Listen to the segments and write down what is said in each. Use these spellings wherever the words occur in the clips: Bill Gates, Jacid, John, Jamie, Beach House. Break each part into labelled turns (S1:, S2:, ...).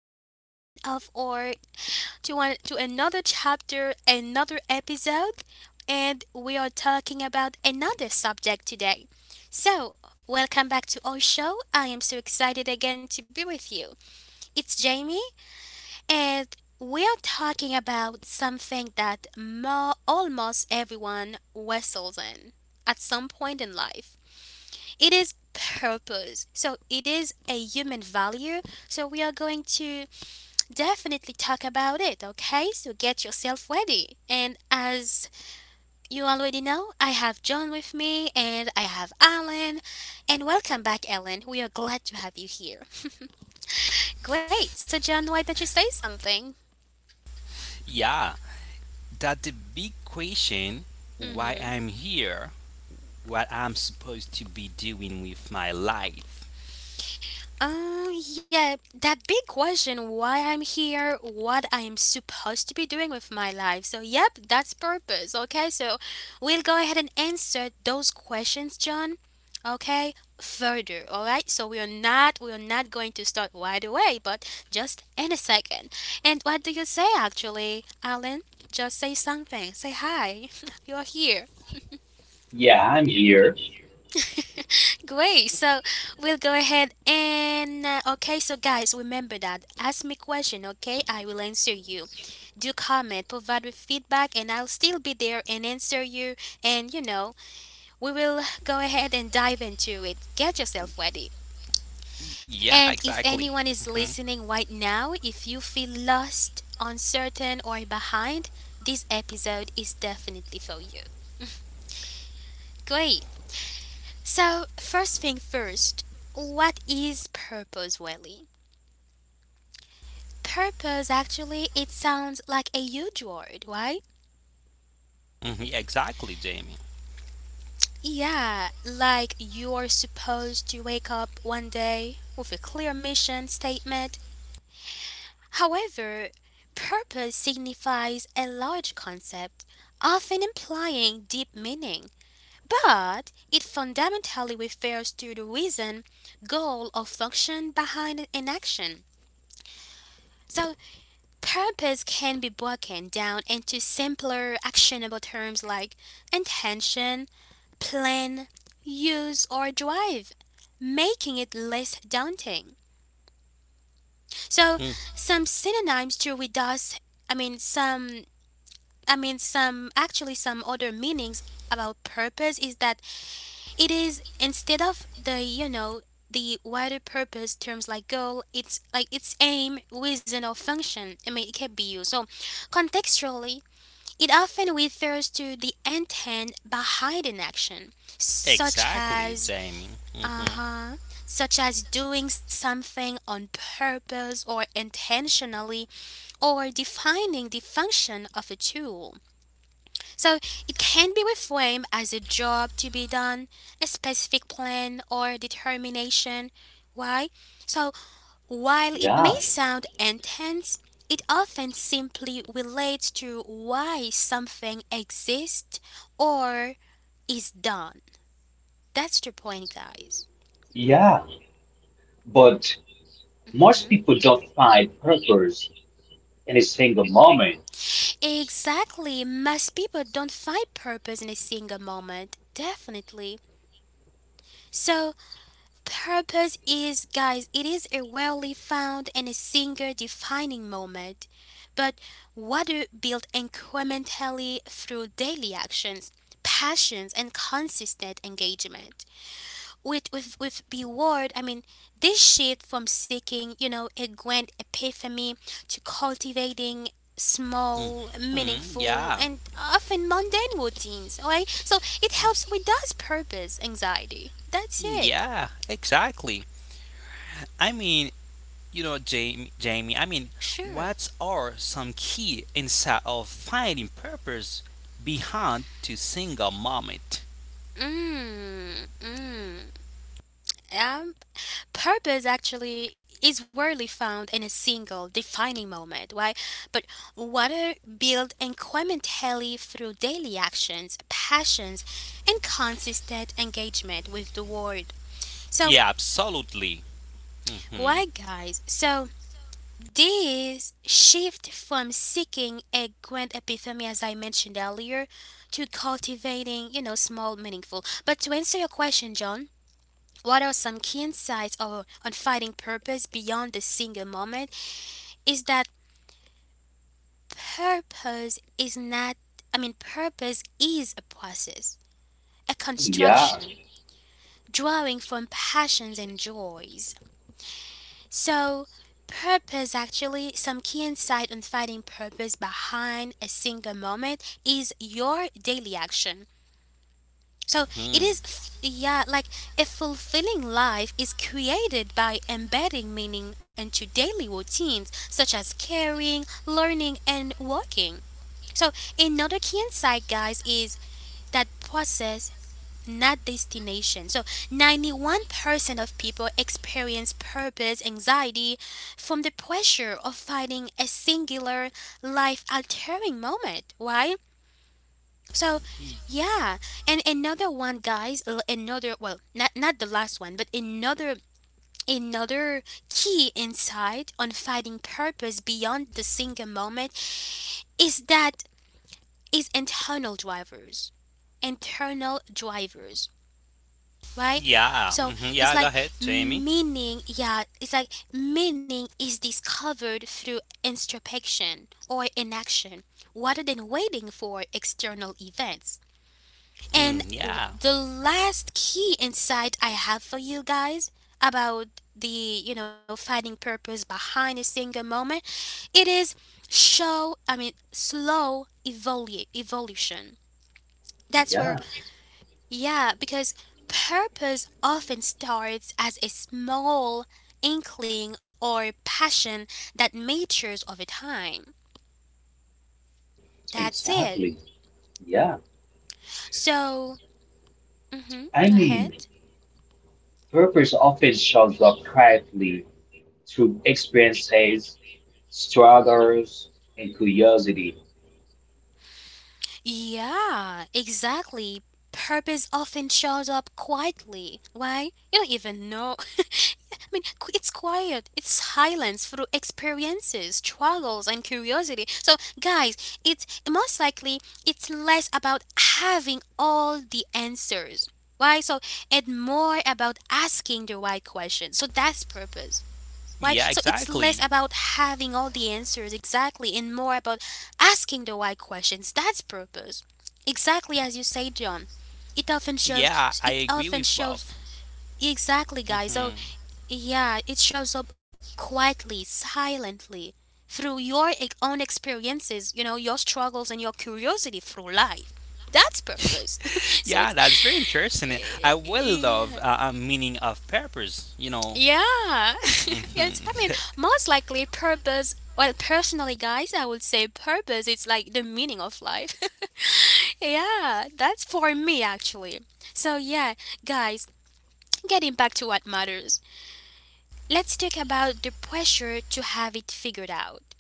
S1: to one of our to one to another chapter, another episode, and we are talking about another subject today. So, welcome back to our show. I am so excited again to be with you. It's Jamie and we are talking about something that almost everyone wrestles in at some point in life. It is purpose. So it is a human value. So we are going to definitely talk about it, okay? So get yourself ready. And as you already know, I have John with me and I have Alan. And welcome back, Ellen. We are glad to have you here. Great. So John, why don't you say something?
S2: Yeah, that the big question why I'm
S1: Mm-hmm.
S2: here, what I'm supposed to be doing with my life.
S1: Yeah, that big question why I'm here, what I'm supposed to be doing with my life. So, yep, that's purpose. Okay, so we'll go ahead and answer those questions, John. Okay, further. All right, so we are not going to start right away, but just in a second. And what do you say actually, Alan? Just say something. Say hi. You're here.
S3: Yeah, I'm here.
S1: Great. So we'll go ahead and okay. So guys, remember that ask me question. Okay, I will answer you. Do comment, provide with feedback, and I'll still be there and answer you. And we will go ahead and dive into it. Get yourself ready.
S2: Yeah,
S1: And
S2: exactly.
S1: if anyone
S2: hmm
S1: is listening right now, if you feel lost, uncertain, or behind, this episode is definitely for you. Great. So first thing first, what is purpose, Welly? Purpose actually it sounds like a huge word, right?
S2: Exactly, Jamie.
S1: Yeah, like you're supposed to wake up one day with a clear mission statement. However, purpose signifies a large concept, often implying deep meaning, but it fundamentally refers to the reason, goal, or function behind an action. So purpose can be broken down into simpler, actionable terms like intention, plan, use, or drive, making it less daunting. So,
S2: Mm,
S1: some synonyms to reduce, I mean, some, I mean, some, actually, some other meanings about purpose is that it is instead of the wider purpose terms like goal, it's like its aim, reason, or function. I mean, it can be used. So, contextually, it often refers to the intent behind an action, such
S2: Exactly,
S1: as
S2: Jamie. hmm
S1: uh-huh, such as doing something on purpose or intentionally or defining the function of a tool. So it can be reframed as a job to be done, a specific plan or determination. Why? So while it
S3: Yeah,
S1: may sound intense, it often simply relates to why something exists or is done. That's the point, guys.
S3: yeah. But most
S1: Mhm.
S3: people don't find purpose in a single moment.
S1: Exactly. Most people don't find purpose in a single moment. Definitely. So, purpose is, guys, it is a rarely found and a single defining moment, but water built incrementally through daily actions, passions, and consistent engagement. With reward, I mean, this shift from seeking, a grand epiphany to cultivating small, meaningful,
S2: Yeah,
S1: and often mundane routines. Right, so it helps with does purpose anxiety. That's it.
S2: yeah, exactly. I mean, Jamie,
S1: Sure.
S2: what are some key insight of finding purpose behind to single moment?
S1: Mm, mm. Um, Purpose actually is rarely found in a single defining moment, right? But water built incrementally through daily actions, passions, and consistent engagement with the world.
S2: Yeah,
S1: So,
S2: absolutely. Mm-hmm.
S1: why, guys? So, this shift from seeking a grand epiphany, as I mentioned earlier, to cultivating, small, meaningful. But to answer your question, John, what are some key insights or on finding purpose beyond the single moment is that purpose is not, I mean, purpose is a process, a
S3: Yeah,
S1: construction, drawing from passions and joys. So, purpose actually, some key insight on finding purpose behind a single moment is your daily action. So
S2: Hmm.
S1: it is, yeah, like a fulfilling life is created by embedding meaning into daily routines such as caring, learning, and working. So another key insight, guys, is that process, not destination. So 91% of people experience purpose anxiety from the pressure of finding a singular life altering moment. Why? So,
S2: Y-
S1: yeah, and another one, guys. Another, well, not the last one, but another another key insight on finding purpose beyond the single moment is that is internal drivers, right?
S2: Yeah.
S1: So
S2: hmm
S1: it's
S2: Yeah, go
S1: like
S2: ahead, Jamie.
S1: meaning, yeah, it's like meaning is discovered through introspection or inaction, rather than waiting for external events. And
S2: Hmm. Yeah.
S1: the last key insight I have for you guys about the, finding purpose behind a single moment, it is show, I mean, slow evolution. That's where,
S3: yeah,
S1: yeah, because purpose often starts as a small inkling or passion that matures over time. That's it.
S3: exactly. Yeah.
S1: So,
S3: I
S1: go
S3: mean,
S1: ahead.
S3: purpose often shows up quietly through experiences, struggles, and curiosity.
S1: Yeah, exactly. Purpose often shows up quietly. Why? You don't even know. I mean, it's quiet. It's silence through experiences, struggles, and curiosity. So, guys, it's most likely it's less about having all the answers. Why? So, and more about asking the right question. So that's purpose. Why?
S2: Yeah,
S1: So it's less
S2: exactly.
S1: about having all the answers exactly and more about asking the why questions. That's purpose. Exactly as you say, John. It often shows
S2: Yeah, I
S1: it
S2: agree
S1: often
S2: with
S1: shows
S2: both.
S1: exactly, guys. So
S2: Hmm
S1: yeah, it shows up quietly, silently through your own experiences, your struggles and your curiosity through life. That's purpose. So
S2: Yeah,
S1: it's
S2: that's very interesting. I will love
S1: yeah.
S2: a meaning of purpose, you know.
S1: Yeah, yes. I
S2: Hmm
S1: mean, most likely purpose. Well, personally, guys, I would say purpose is like the meaning of life. Yeah, that's for me actually. So yeah, guys, getting back to what matters. Let's talk about the pressure to have it figured out.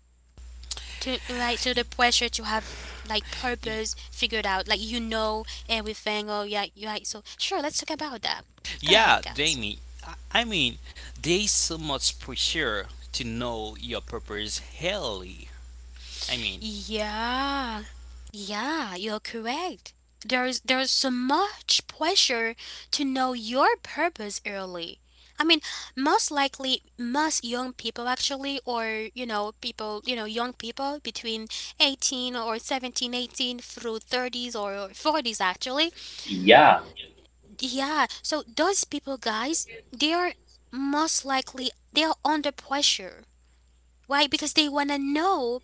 S1: To Right, so
S2: Y-
S1: the pressure to have like
S2: y-
S1: purpose figured out, like you know everything. Oh yeah, you right. So sure, let's talk about that. Go
S2: yeah,
S1: ahead, guys.
S2: Jamie. I I mean, there's so much pressure to know your purpose early. I mean,
S1: Yeah, yeah, you're correct. There's so much pressure to know your purpose early. I mean, most likely, most young people actually, or people, young people between 18 or 17, 18 through 30s or 40s actually.
S3: Yeah,
S1: Yeah, so those people, guys, they are most likely they are under pressure. Why? Because they want to know.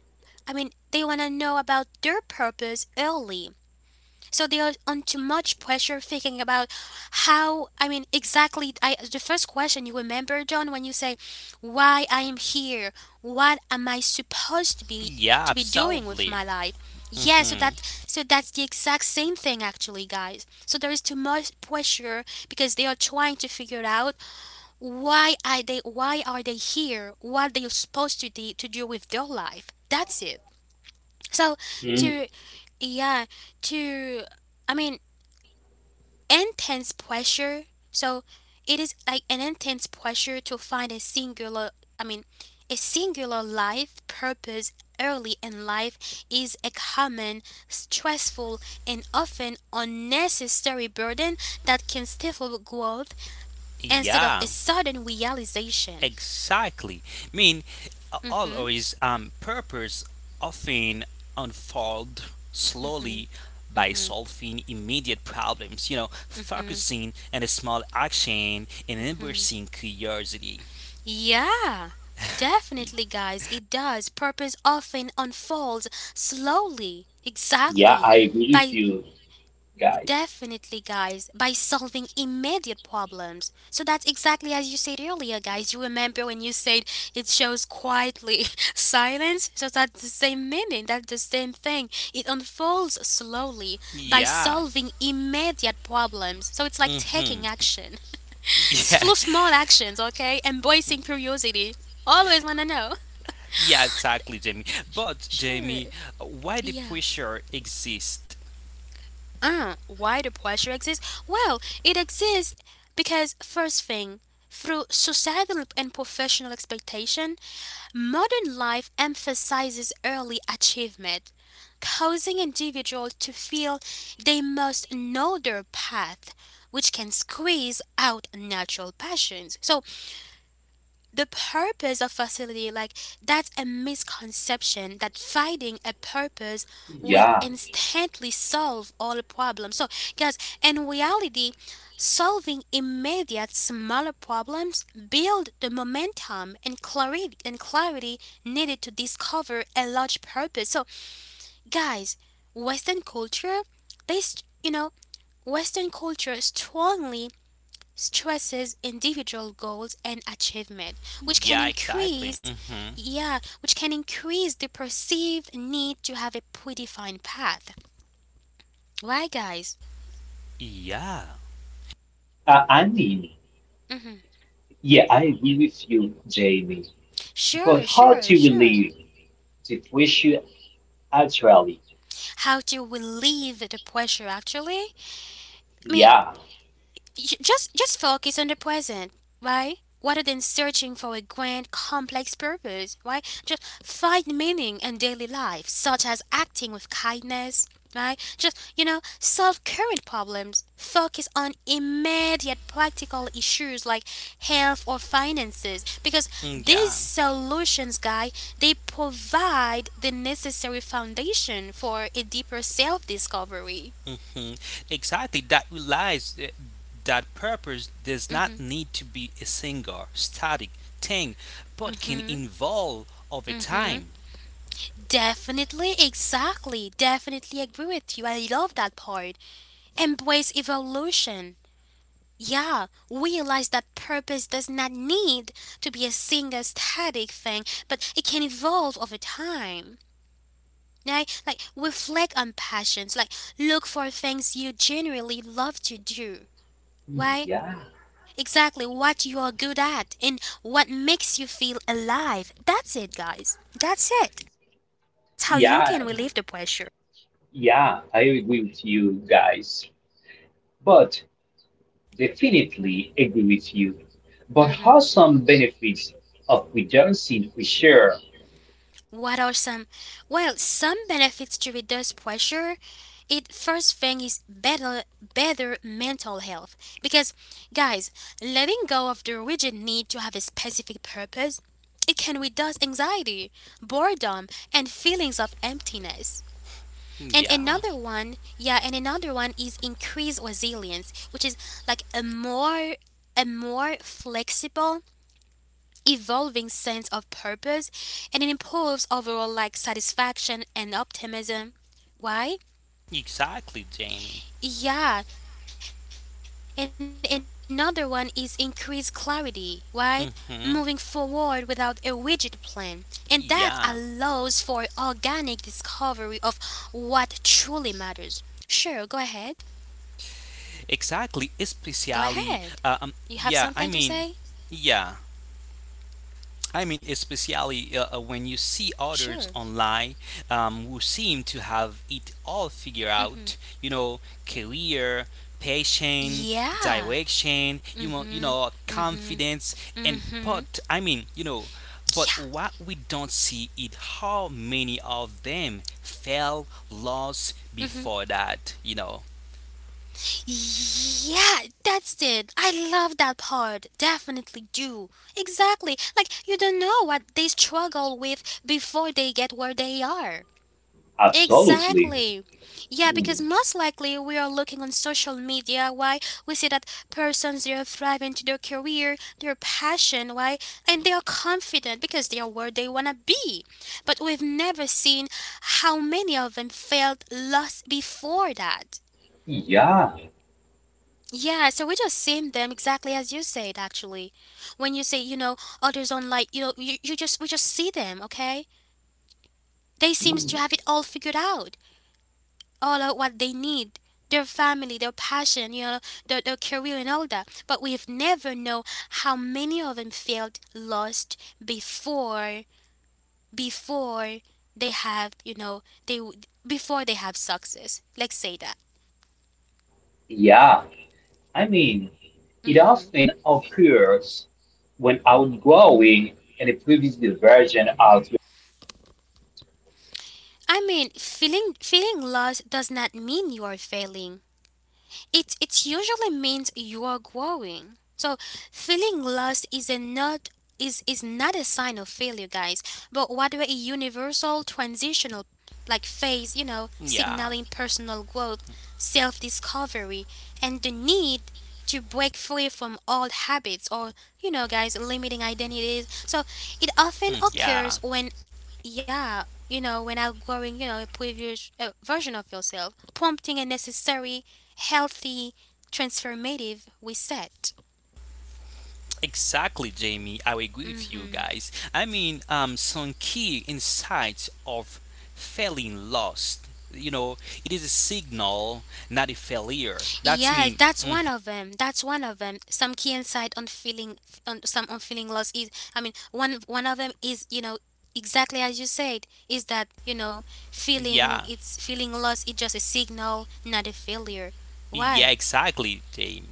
S1: I mean, they want to know about their purpose early. So they are under much pressure thinking about how, I mean, exactly. The first question you remember, John, when you say, why I am here? What am I supposed
S2: yeah,
S1: to be doing with
S2: absolutely.
S1: my life? Yeah, so
S2: Hmm
S1: that's the exact same thing actually, guys. So there is too much pressure because they are trying to figure out why are they here? What they're supposed to do with their life? That's it. So
S3: mm,
S1: to yeah, to I mean, intense pressure. So it is like an intense pressure to find a singular, I mean a singular life purpose early in life is a common, stressful, and often unnecessary burden that can stifle growth instead of a
S2: Yeah,
S1: sudden realization.
S2: Exactly. mean,
S1: Mm-hmm.
S2: always purpose often unfold slowly by
S1: Mm-hmm.
S2: solving immediate problems, you know,
S1: Mm-hmm.
S2: focusing on a small action and embracing curiosity.
S1: Yeah.
S2: Y-
S1: Definitely, guys, it does. Purpose often unfolds slowly.
S3: yeah,
S1: Exactly.
S3: I agree with
S1: By
S3: you guys.
S1: definitely, guys, by solving immediate problems. So that's exactly as you said earlier, guys. You remember when you said it shows quietly silence? So that's the same meaning. That's the same thing. It unfolds slowly by
S2: Yeah.
S1: solving immediate problems. So it's like taking
S2: Mm-hmm.
S1: action.
S2: Yeah,
S1: Through small actions, okay? Embracing curiosity. Always want to know.
S2: yeah, exactly, Jamie. But,
S1: Sure.
S2: Jamie, why the
S1: Yeah.
S2: pressure exists?
S1: Why the pressure exists? Well, it exists because, first thing, through societal and professional expectation, modern life emphasizes early achievement, causing individuals to feel they must know their path, which can squeeze out natural passions. So, the purpose of facility like that's a misconception that finding a purpose will
S3: Yeah,
S1: instantly solve all problems. So, guys, in reality, solving immediate smaller problems build the momentum and clarity needed to discover a large purpose. So, guys, western culture, this you know western culture strongly stresses individual goals and achievement, which can
S2: Yeah, exactly.
S1: increase,
S2: Mm-hmm.
S1: yeah, which can increase the perceived need to have a predefined path. Why, guys?
S2: Yeah,
S3: I mean,
S1: hmm
S3: yeah, I agree with you, Jamie. But
S1: Sure,
S3: how
S1: sure,
S3: do we
S1: sure.
S3: live? The fish actually,
S1: How to relieve the pressure, actually? I mean,
S3: yeah,
S1: just focus on the present, right? Rather than searching for a grand, complex purpose, right? Just find meaning in daily life, such as acting with kindness, right? Just, solve current problems. Focus on immediate practical issues like health or finances, because
S2: mm,
S1: these
S2: yeah.
S1: solutions, guy, they provide the necessary foundation for a deeper self discovery.
S2: Mhm. Exactly. That realize that purpose does not need to be a single, static thing, but can evolve over
S1: Mm hmm.
S2: time.
S1: Definitely, exactly. Definitely agree with you. I love that part. Embrace evolution. Yeah, realize that purpose does not need to be a single static thing, but it can evolve over time. Right? Like, reflect on passions. Like, look for things you genuinely love to do. Right?
S3: yeah,
S1: Exactly what you are good at and what makes you feel alive. That's it, guys. That's it. That's how you
S3: yeah,
S1: can relieve the pressure.
S3: yeah, I agree with you guys, but definitely agree with you. But how
S1: Mm-hmm.
S3: some benefits of redundancy we share?
S1: What are some? Well, some benefits to reduce pressure. It first thing is better mental health because, guys, letting go of the rigid need to have a specific purpose, it can reduce anxiety, boredom, and feelings of emptiness. And
S2: Yeah.
S1: another one, yeah, and another one is increased resilience, which is like a more flexible evolving sense of purpose, and it improves overall like satisfaction and optimism. Why?
S2: Exactly, Jamie.
S1: Yeah, and another one is increased clarity, right? Moving forward
S2: Hmm
S1: without a rigid plan. And that
S2: Yeah.
S1: allows for organic discovery of what truly matters. Sure, go ahead.
S2: Exactly.
S1: Go
S2: Especially.
S1: ahead.
S2: Yeah.
S1: You have something to say?
S2: Yeah. Especially when you see others
S1: Sure.
S2: online who seem to have it all figured out, you know, career, passion,
S1: Yeah.
S2: direction,
S1: Mm. Mhm. Mm. Mhm.
S2: confidence, and
S1: Mm.
S2: but
S1: Mhm.
S2: I mean, you know, but
S1: Yeah.
S2: what we don't see is how many of them fell lost
S1: Mm-hmm.
S2: before that, you know.
S1: Yeah, that's it. I love that part. Definitely do. Exactly. Like, you don't know what they struggle with before they get where they are.
S3: Absolutely.
S1: Exactly. Yeah,
S3: Mm,
S1: because most likely we are looking on social media, why we see that persons they are thriving to their career, their passion, why, and they are confident because they are where they wanna be. But we've never seen how many of them felt lost before that.
S3: yeah,
S1: Yeah, so we just seen them exactly as you said actually. When you say, you know, others online, you know, you just we just see them, okay? They seems
S3: mm,
S1: to have it all figured out. All out what they need, their family, their passion, you know, their career and all that. But we've never know how many of them felt lost before they have, you know, they before they have success. Let's say that.
S3: yeah. I mean, it
S1: Mm-hmm.
S3: often occurs when outgrowing and a previous version of.
S1: I mean, feeling lost does not mean you are failing. It usually means you are growing. So feeling lost is not a sign of failure, guys, but rather a universal transitional like phase, you know,
S2: Yeah,
S1: signaling personal growth, self-discovery, and the need to break free from old habits or, you know, guys, limiting identities. So it often
S2: Mm,
S1: occurs
S2: yeah.
S1: when, outgrowing, you know, a previous version of yourself, prompting a necessary, healthy, transformative reset.
S2: Exactly, Jamie. I agree with you
S1: Mm-hmm.
S2: guys. Some key insights of feeling lost. You know, it is a signal, not a failure. That's
S1: Yes,
S2: mean.
S1: that's
S2: Mhm,
S1: one of them. That's one of them. Some key insight on feeling loss is. I mean, one of them is, you know, exactly as you said, is that, you know, feeling
S2: Yeah.
S1: it's feeling loss is just a signal, not a failure.
S2: Yeah,
S1: Why?
S2: exactly, Jamie.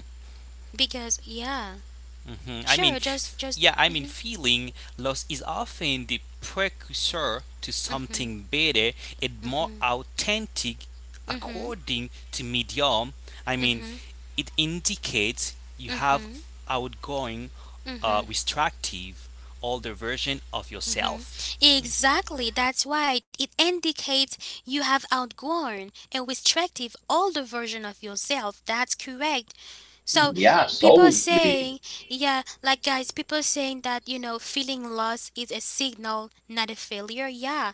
S1: Because yeah,
S2: Hmm
S1: sure, just just. Mm-hmm.
S2: feeling loss is often the precursor to something better and more authentic,
S1: Mm-hmm.
S2: according to Medium. I mean,
S1: Mm-hmm.
S2: it indicates you have
S1: Mm-hmm,
S2: outgoing,
S1: mm-hmm,
S2: restrictive, older version of
S1: mm-hmm.
S2: yourself.
S1: Exactly, that's right. It indicates you have outgrown a restrictive older version of yourself. That's correct. So
S3: Yeah,
S1: people
S3: absolutely.
S1: saying, yeah, like guys, people saying that, you know, feeling lost is a signal, not a failure. Yeah,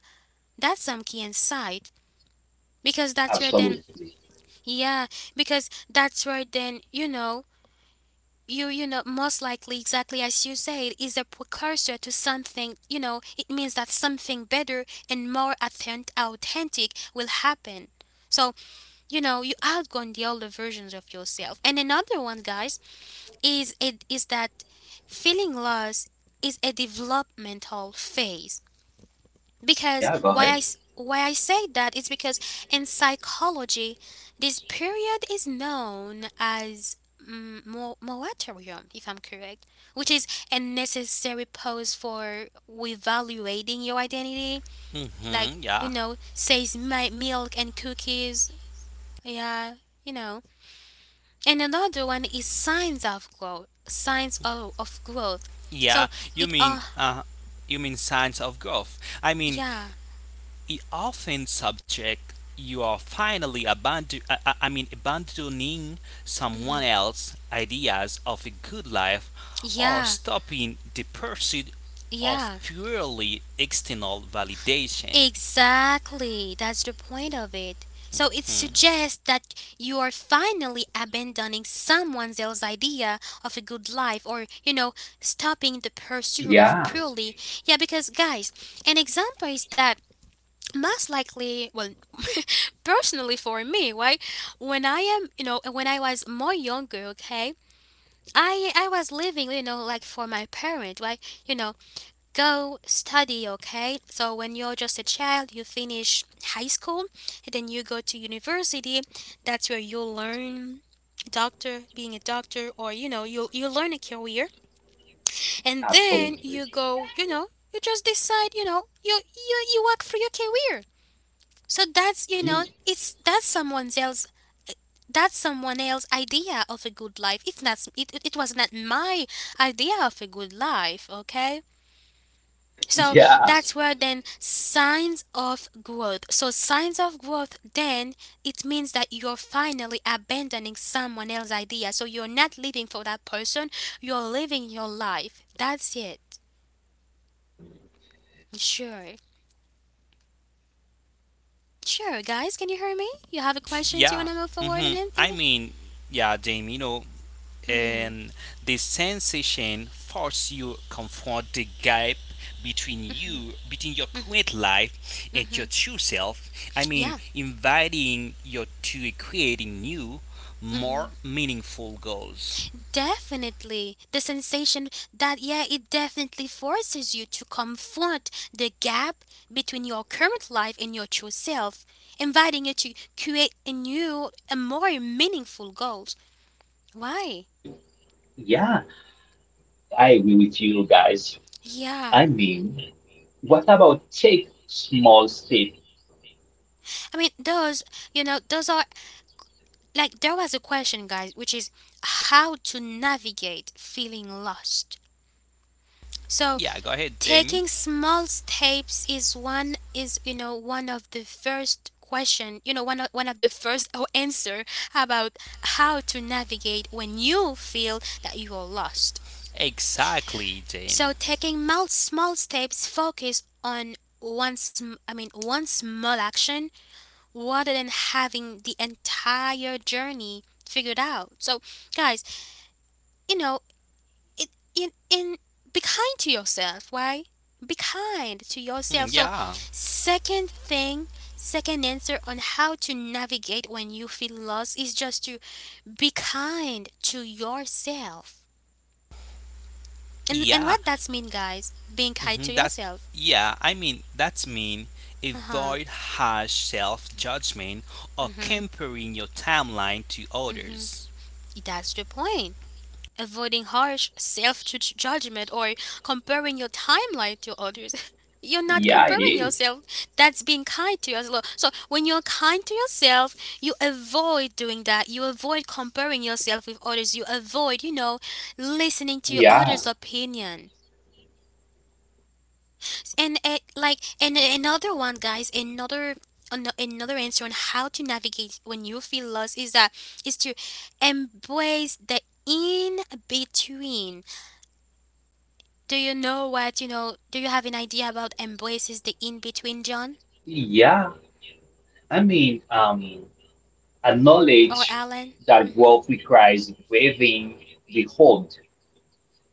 S1: that's some key insight. Because
S3: Absolutely.
S1: yeah, that's where then, you know, you know, most likely, exactly as you say, it is a precursor to something, you know. It means that something better and more authentic will happen. So, you know, you outgrown the older versions of yourself. And another one, guys, is that feeling lost is a developmental phase,
S3: Yeah, go
S1: because
S3: ahead.
S1: why I say that is because in psychology, this period is known as moratorium, if I'm correct, which is a necessary pause for reevaluating your identity, like,
S2: Hmm
S1: you
S2: yeah,
S1: know, says my milk and cookies, yeah, you know. And another one is signs of growth, signs of growth.
S2: yeah.
S1: So
S2: You
S1: it
S2: mean, uh, you mean signs of growth.
S1: yeah,
S2: It often subject you are finally abandoning
S1: mhm,
S2: someone else's ideas of a good life or
S1: yeah,
S2: stopping the pursuit of
S1: yeah.
S2: purely external validation.
S1: Exactly, that's the point of it. So it
S2: Hmm.
S1: suggests that you are finally abandoning someone else's idea of a good life, or, you know, stopping the pursuit of
S3: Yeah,
S1: purely. Yeah, because, guys, an example is that, most likely, well, personally for me, right? When I am, you know, when I was more younger, okay, I was living, you know, like for my parent, right? You know, go study, okay. So when you're just a child, you finish high school, and then you go to university. That's where you'll learn doctor being a doctor, or, you know, you learn a career. And then
S3: absolutely.
S1: you go, you know, you just decide, you know, you work for your career. So that's, you
S3: Mm,
S1: know, it's that's someone else idea of a good life. It was not my idea of a good life, okay. So
S3: yeah,
S1: that's where then signs of growth. So signs of growth then it means that you're finally abandoning someone else's idea. So you're not living for that person, you're living your life. That's it. Sure. Sure, guys, can you hear me? You have a question? Do you
S2: Yeah.
S1: want to move forward in
S2: hmm
S1: it?
S2: Jamie, you know,
S1: Mm-hmm.
S2: and the sensation force you confront the gap between your current life and
S1: Mm-hmm.
S2: your true self.
S1: Yeah.
S2: Inviting you to creating new,
S1: Mm-hmm.
S2: more meaningful goals.
S1: Definitely. The sensation that, yeah, it definitely forces you to confront the gap between your current life and your true self, inviting you to create a new and more meaningful goals. Why?
S3: yeah, I agree with you guys. I
S1: Yeah.
S3: mean, what about take small step?
S1: I mean, those, you know, those are like there was a question, guys, which is how to navigate feeling lost. So,
S2: Yeah, go ahead, Jamie.
S1: taking small steps is one of the first question, you know, one of the first answer about how to navigate when you feel that you are lost.
S2: Exactly, Jamie.
S1: So, taking small steps, focus on one sm- I mean one small action rather than having the entire journey figured out. So, guys, you know, in in be kind to yourself, right? Be kind to
S2: Mm,
S1: yourself. So,
S2: Yeah,
S1: second thing second answer on how to navigate when you feel lost is just to be kind to yourself. And
S2: yeah.
S1: what that's mean, guys, being kind to
S2: Mhm,
S1: yourself —
S2: that's mean
S1: uh-huh,
S2: avoid harsh self judgment or
S1: mm-hmm —
S2: comparing your timeline to others.
S1: that's the point: avoiding harsh self judgment or comparing your timeline to others. You're not
S3: Yeah, it
S1: comparing
S3: is.
S1: yourself. That's being kind to yourself. So when you're kind to yourself, you avoid doing that. You avoid comparing yourself with others. You avoid, you know, listening to
S3: Yeah,
S1: others' opinion. And, like, another one, guys, another answer on how to navigate when you feel lost is to embrace the in between. Do you know what, you know, do you have an idea about embraces the in between, John
S3: yeah. I mean,
S1: or
S3: acknowledge
S1: Alan?
S3: that
S1: Hmm.
S3: growth requires waiving the hold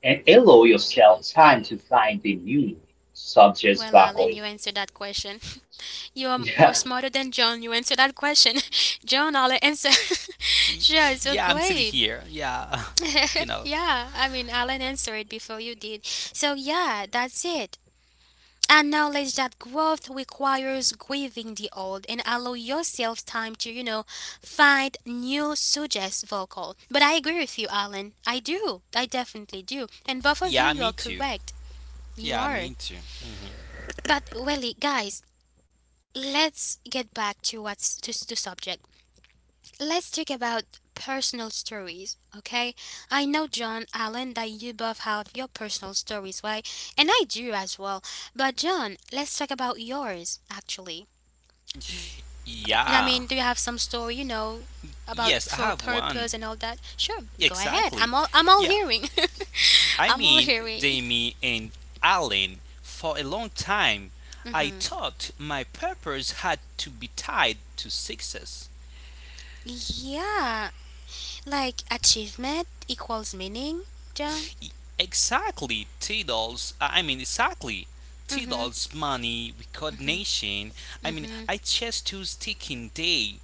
S3: and allow yourself time to find the new subjects
S1: Well, Alan,
S3: buckle.
S1: you answered that question. You're you're
S3: Yeah,
S1: smarter than John. You answered that question. John, Alan answer.
S2: Y-
S1: Sure, so
S2: Yeah, I'm still
S1: great.
S2: here. Yeah, you know.
S1: Yeah, I mean, Alan answered before you did. So yeah, that's it. Acknowledge that growth requires grieving the old and allow yourself time to, you know, find new suggest vocal. But I agree with you, Alan, I do, I definitely do. And both of you
S2: Yeah,
S1: you
S2: me
S1: are
S2: too.
S1: correct. You
S2: Yeah,
S1: are.
S2: me too. Hmm
S1: But really, guys, let's get back to to subject. Let's talk about personal stories, okay. I know, John, Alan, that you both have your personal stories, right, and I do as well. But John, let's talk about yours actually. Yeah, I
S2: Yeah.
S1: mean, do you have some story, you know, about
S2: Yes, I
S1: for
S2: have one.
S1: purpose and all that? Sure, go ahead.
S2: Exactly.
S1: I'm all
S2: Yeah,
S1: hearing. I'm all hearing.
S2: Jamie and Alan, for a long time, I thought my purpose had to be tied to success.
S1: Yeah, like achievement equals meaning, John.
S2: Exactly, Tidal's. Exactly.
S1: Mhm.
S2: Tidal's money, recognition. I just choose taking day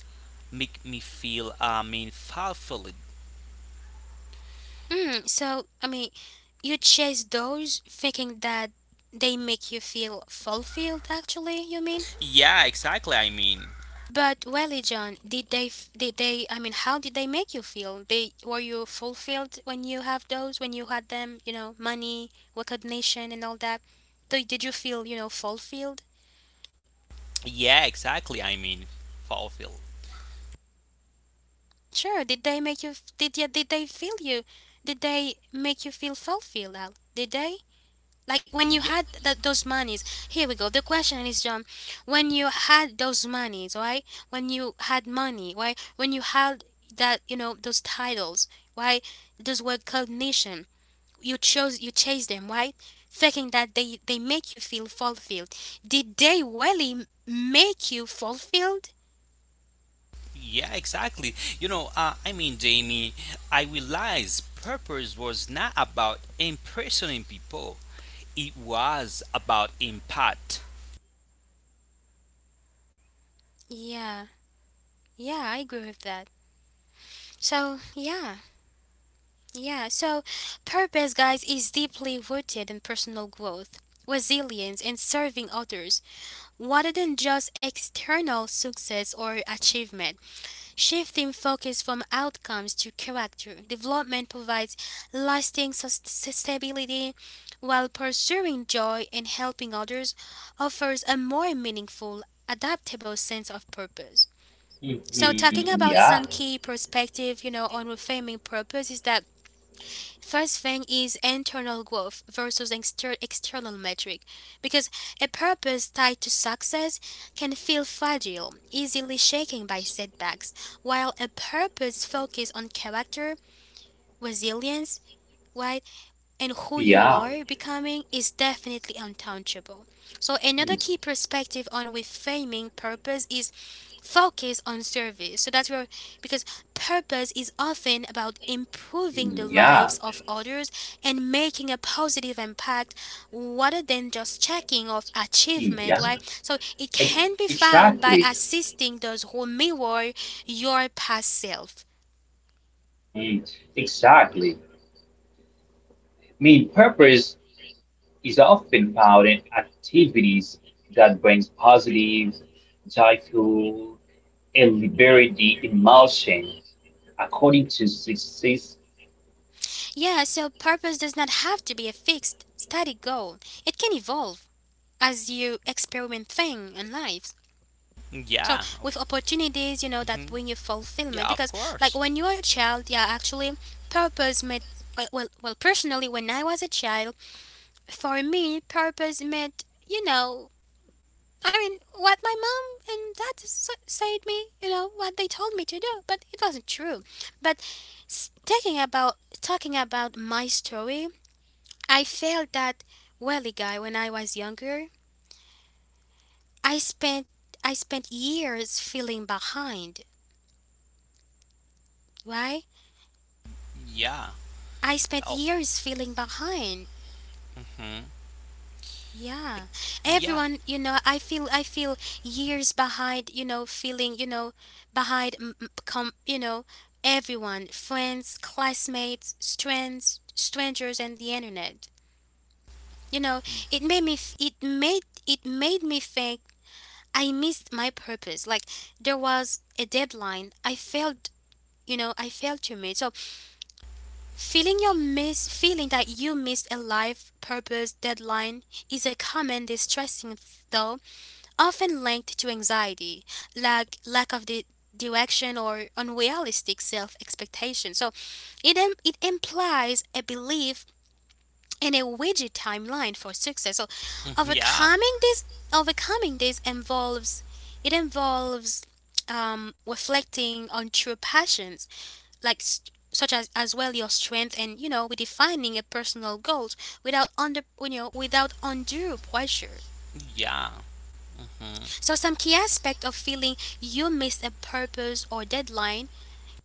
S2: make me feel, fulfilled.
S1: Mm. So I mean, you chase those thinking that they make you feel fulfilled. Actually, you mean?
S2: Yeah, exactly,
S1: But welly, John, did they f- did they I mean how did they make you feel? They were you fulfilled when you have those when you had them, you know, money, recognition and all that? Did you feel, you know, fulfilled?
S2: Yeah, exactly, fulfilled.
S1: Sure, did they make you f- did yeah, did they feel you? Did they make you feel fulfilled? Al? Did they? Like when you
S2: Yeah,
S1: had those monies, here we go. The question is, John, when you had those monies, why? When you had money, why? When you had that, you know, those titles, why? Those were cognition. You chased them, why? Thinking that they make you feel fulfilled. Did they really make you fulfilled?
S2: yeah, exactly. You know, Jamie, I realized purpose was not about impressioning people. It was about impact.
S1: Yeah, yeah, I agree with that. So yeah. Yeah, so purpose, guys, is deeply rooted in personal growth, resilience, and serving others, rather than just external success or achievement. Shifting focus from outcomes to character development provides lasting stability, while pursuing joy and helping others offers a more meaningful, adaptable sense of purpose. So,
S3: mhm,
S1: talking about
S3: yeah,
S1: some key perspective, you know, on reframing purpose is that: first thing is internal growth versus external metric, because a purpose tied to success can feel fragile, easily shaken by setbacks, while a purpose focused on character, resilience, right, and who you
S3: yeah,
S1: are becoming is definitely untouchable. So, another
S3: mm,
S1: key perspective on reframing purpose is focus on service. So, that's where, because purpose is often about improving the
S3: yeah,
S1: lives of others and making a positive impact rather than just checking off
S3: mm-hmm,
S1: achievement,
S3: yeah.
S1: right? So, it
S3: Ex-
S1: can be found by
S3: Exactly.
S1: assisting those who mirror your past self.
S3: Mm, exactly. I mean, purpose is often found in activities that brings positive, joyful, and liberating emotions. According to success,
S1: Yeah, so purpose does not have to be a fixed, static goal. It can evolve as you experiment things and lives. So
S2: Yeah,
S1: with opportunities, that
S2: mhm.
S1: bring you fulfillment.
S2: yeah, of
S1: Because like
S2: course.
S1: when you are a child, yeah, actually purpose meant well, personally when I was a child, for me purpose meant, you know, what my mom and dad said me, you know, what they told me to do, but it wasn't true. But thinking about talking about my story, I felt that welly guy when I was younger. I spent I spent years feeling behind. Why?
S2: Yeah.
S1: I spent
S2: Oh.
S1: years feeling behind.
S2: mhm.
S1: Yeah.
S2: Yeah.
S1: Everyone, you know, I feel years behind, you know, feeling, you know, behind everyone, friends, classmates, strangers and the internet. You know, it made me f- it made it made me think I missed my purpose. Like there was a deadline. I failed, you know, I failed to meet. So feeling that you missed a life purpose deadline is a common distressing though, often linked to anxiety, lack of the direction or unrealistic self expectation. So it implies a belief and a widget timeline for success. So
S2: mhm, Yeah.
S1: overcoming this overcoming this involves it involves reflecting on true passions like s such as well your strength and, you know, redefining a personal goals without under you know, without undue pressure.
S2: Yeah. mhm.
S1: So some key aspect of feeling you missed a purpose or deadline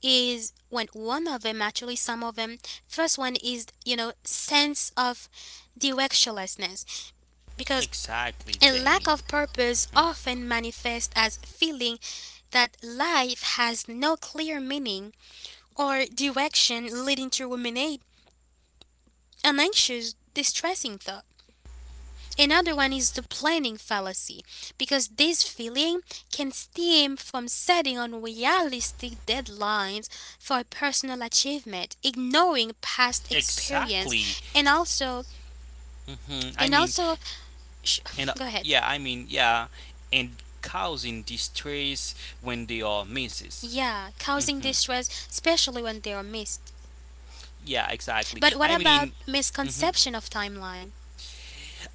S1: is when one of them actually some of them. First one is, you know, sense of directionlessness, because
S2: Exactly,
S1: a lack
S2: Jamie.
S1: of purpose
S2: Mhm.
S1: often manifests as feeling that life has no clear meaning or direction, leading to ruminate an anxious, distressing thought. Another one is the planning fallacy, because this feeling can stem from setting unrealistic deadlines for personal achievement, ignoring past experience,
S2: Exactly.
S1: and also
S2: hmm I
S1: and
S2: mean,
S1: also sh-
S2: and
S1: go ahead.
S2: yeah, I mean, yeah, and causing distress when they are misses.
S1: Yeah, causing
S2: Hmm
S1: distress, especially when they are missed.
S2: Yeah, exactly.
S1: But what about
S2: Mhm,
S1: misconception of timeline?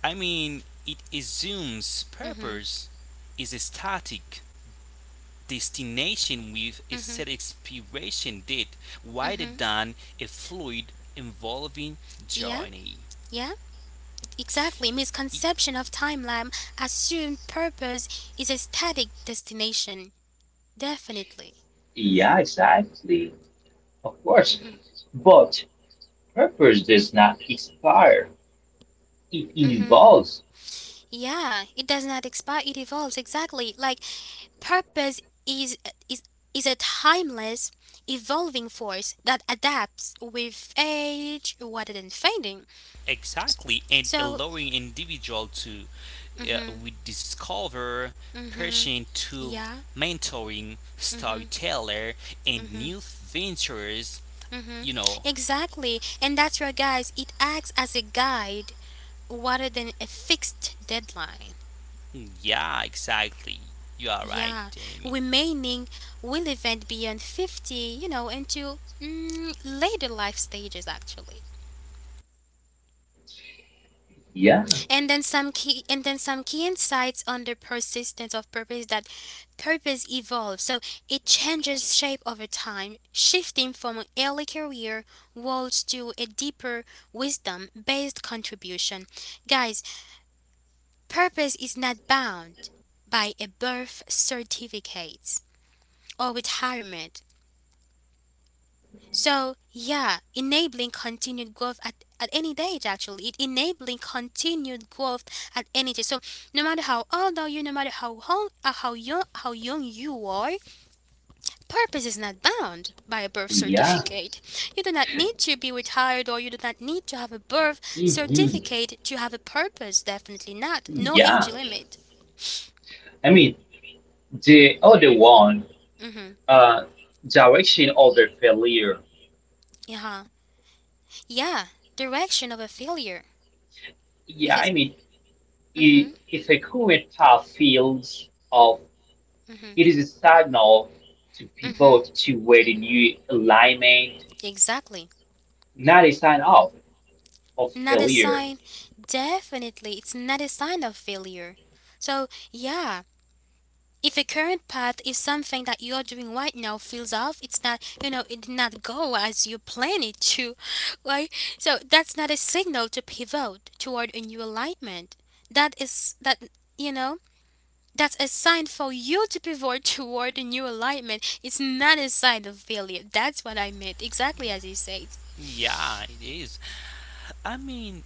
S2: it assumes
S1: Mhm.
S2: purpose is static destination with a
S1: Mhm.
S2: set expiration date rather
S1: Mhm.
S2: than a fluid involving
S1: Yeah.
S2: journey.
S1: Yeah. Exactly.
S2: E-
S1: Misconception of timeline assume purpose is a static destination. Definitely.
S3: yeah, exactly. Of course.
S1: Mhm.
S3: But purpose does not expire. It
S1: Mhm.
S3: evolves.
S1: Yeah, it does not expire, it evolves exactly. Like purpose is is is a timeless evolving force that adapts with age rather than fading.
S2: Exactly, and
S1: So,
S2: allowing individual to
S1: mhm.
S2: rediscover
S1: Mhm.
S2: passion to
S1: Yeah.
S2: mentoring,
S1: Mhm.
S2: storyteller, and
S1: Mhm.
S2: new ventures.
S1: Mm-hmm.
S2: You know,
S1: Exactly. And that's where, guys, it acts as a guide rather than a fixed deadline.
S2: Mm, yeah, exactly. You are right,
S1: Yeah.
S2: Jamie.
S1: Remaining will event beyond 50, you know, into mm, later life stages, actually.
S3: Yeah,
S1: And then some key insights on the persistence of purpose: that purpose evolves. So it changes shape over time, shifting from an early career roles to a deeper wisdom based contribution. Guys, purpose is not bound by a birth certificate or retirement. So, yeah, enabling continued growth at any age, actually. It enabling continued growth at any age. So, no matter how old are you, no matter how, how young you are, purpose is not bound by a birth
S3: yeah,
S1: certificate. You do not need to be retired or you do not need to have a birth
S3: mhm,
S1: certificate to have a purpose. Definitely not. No age
S3: yeah.
S1: limit.
S3: I mean, the other one
S1: Mm-hmm.
S3: uh, direction of their failure.
S1: Yeah. Yeah, direction of a failure.
S3: Yeah, I
S1: Because,
S3: mean, it,
S1: mm-hmm,
S3: if a current path fields of
S1: mm-hmm,
S3: it is a signal to
S1: mm-hmm,
S3: pivot to where the new alignment,
S1: exactly.
S3: not a sign of
S1: Not a
S3: failure.
S1: sign, definitely, it's not a sign of failure. So, yeah, if a current path is something that you're doing right now feels off, it's not, you know, it did not go as you planned it to, right? So, that's not a signal to pivot toward a new alignment. That is, that, you know, That's a sign for you to pivot toward a new alignment. It's not a sign of failure. That's what I meant, exactly as you said.
S2: Yeah, it is. I mean,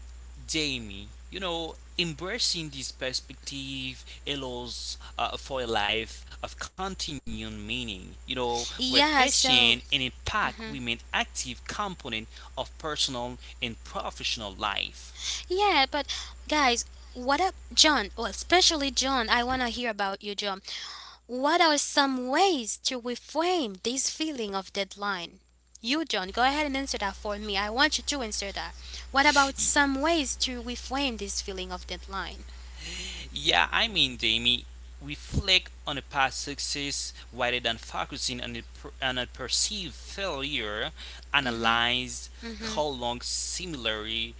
S2: Jamie, you know, embracing this perspective allows for a life of continuing meaning, you know, where
S1: Yeah,
S2: passion
S1: so,
S2: and impact remain active component of personal and professional life.
S1: yeah, but guys, what up, John? Well, especially John, I want to hear about you, John. What are some ways to reframe this feeling of deadline? You, John, go ahead and answer that for me. I want you to answer that. What about
S2: Y-
S1: some ways to reframe this feeling of deadline?
S2: Yeah, Jamie, reflect on a past success rather than focusing on on a perceived failure. Analyze
S1: Mm hmm.
S2: how long similarly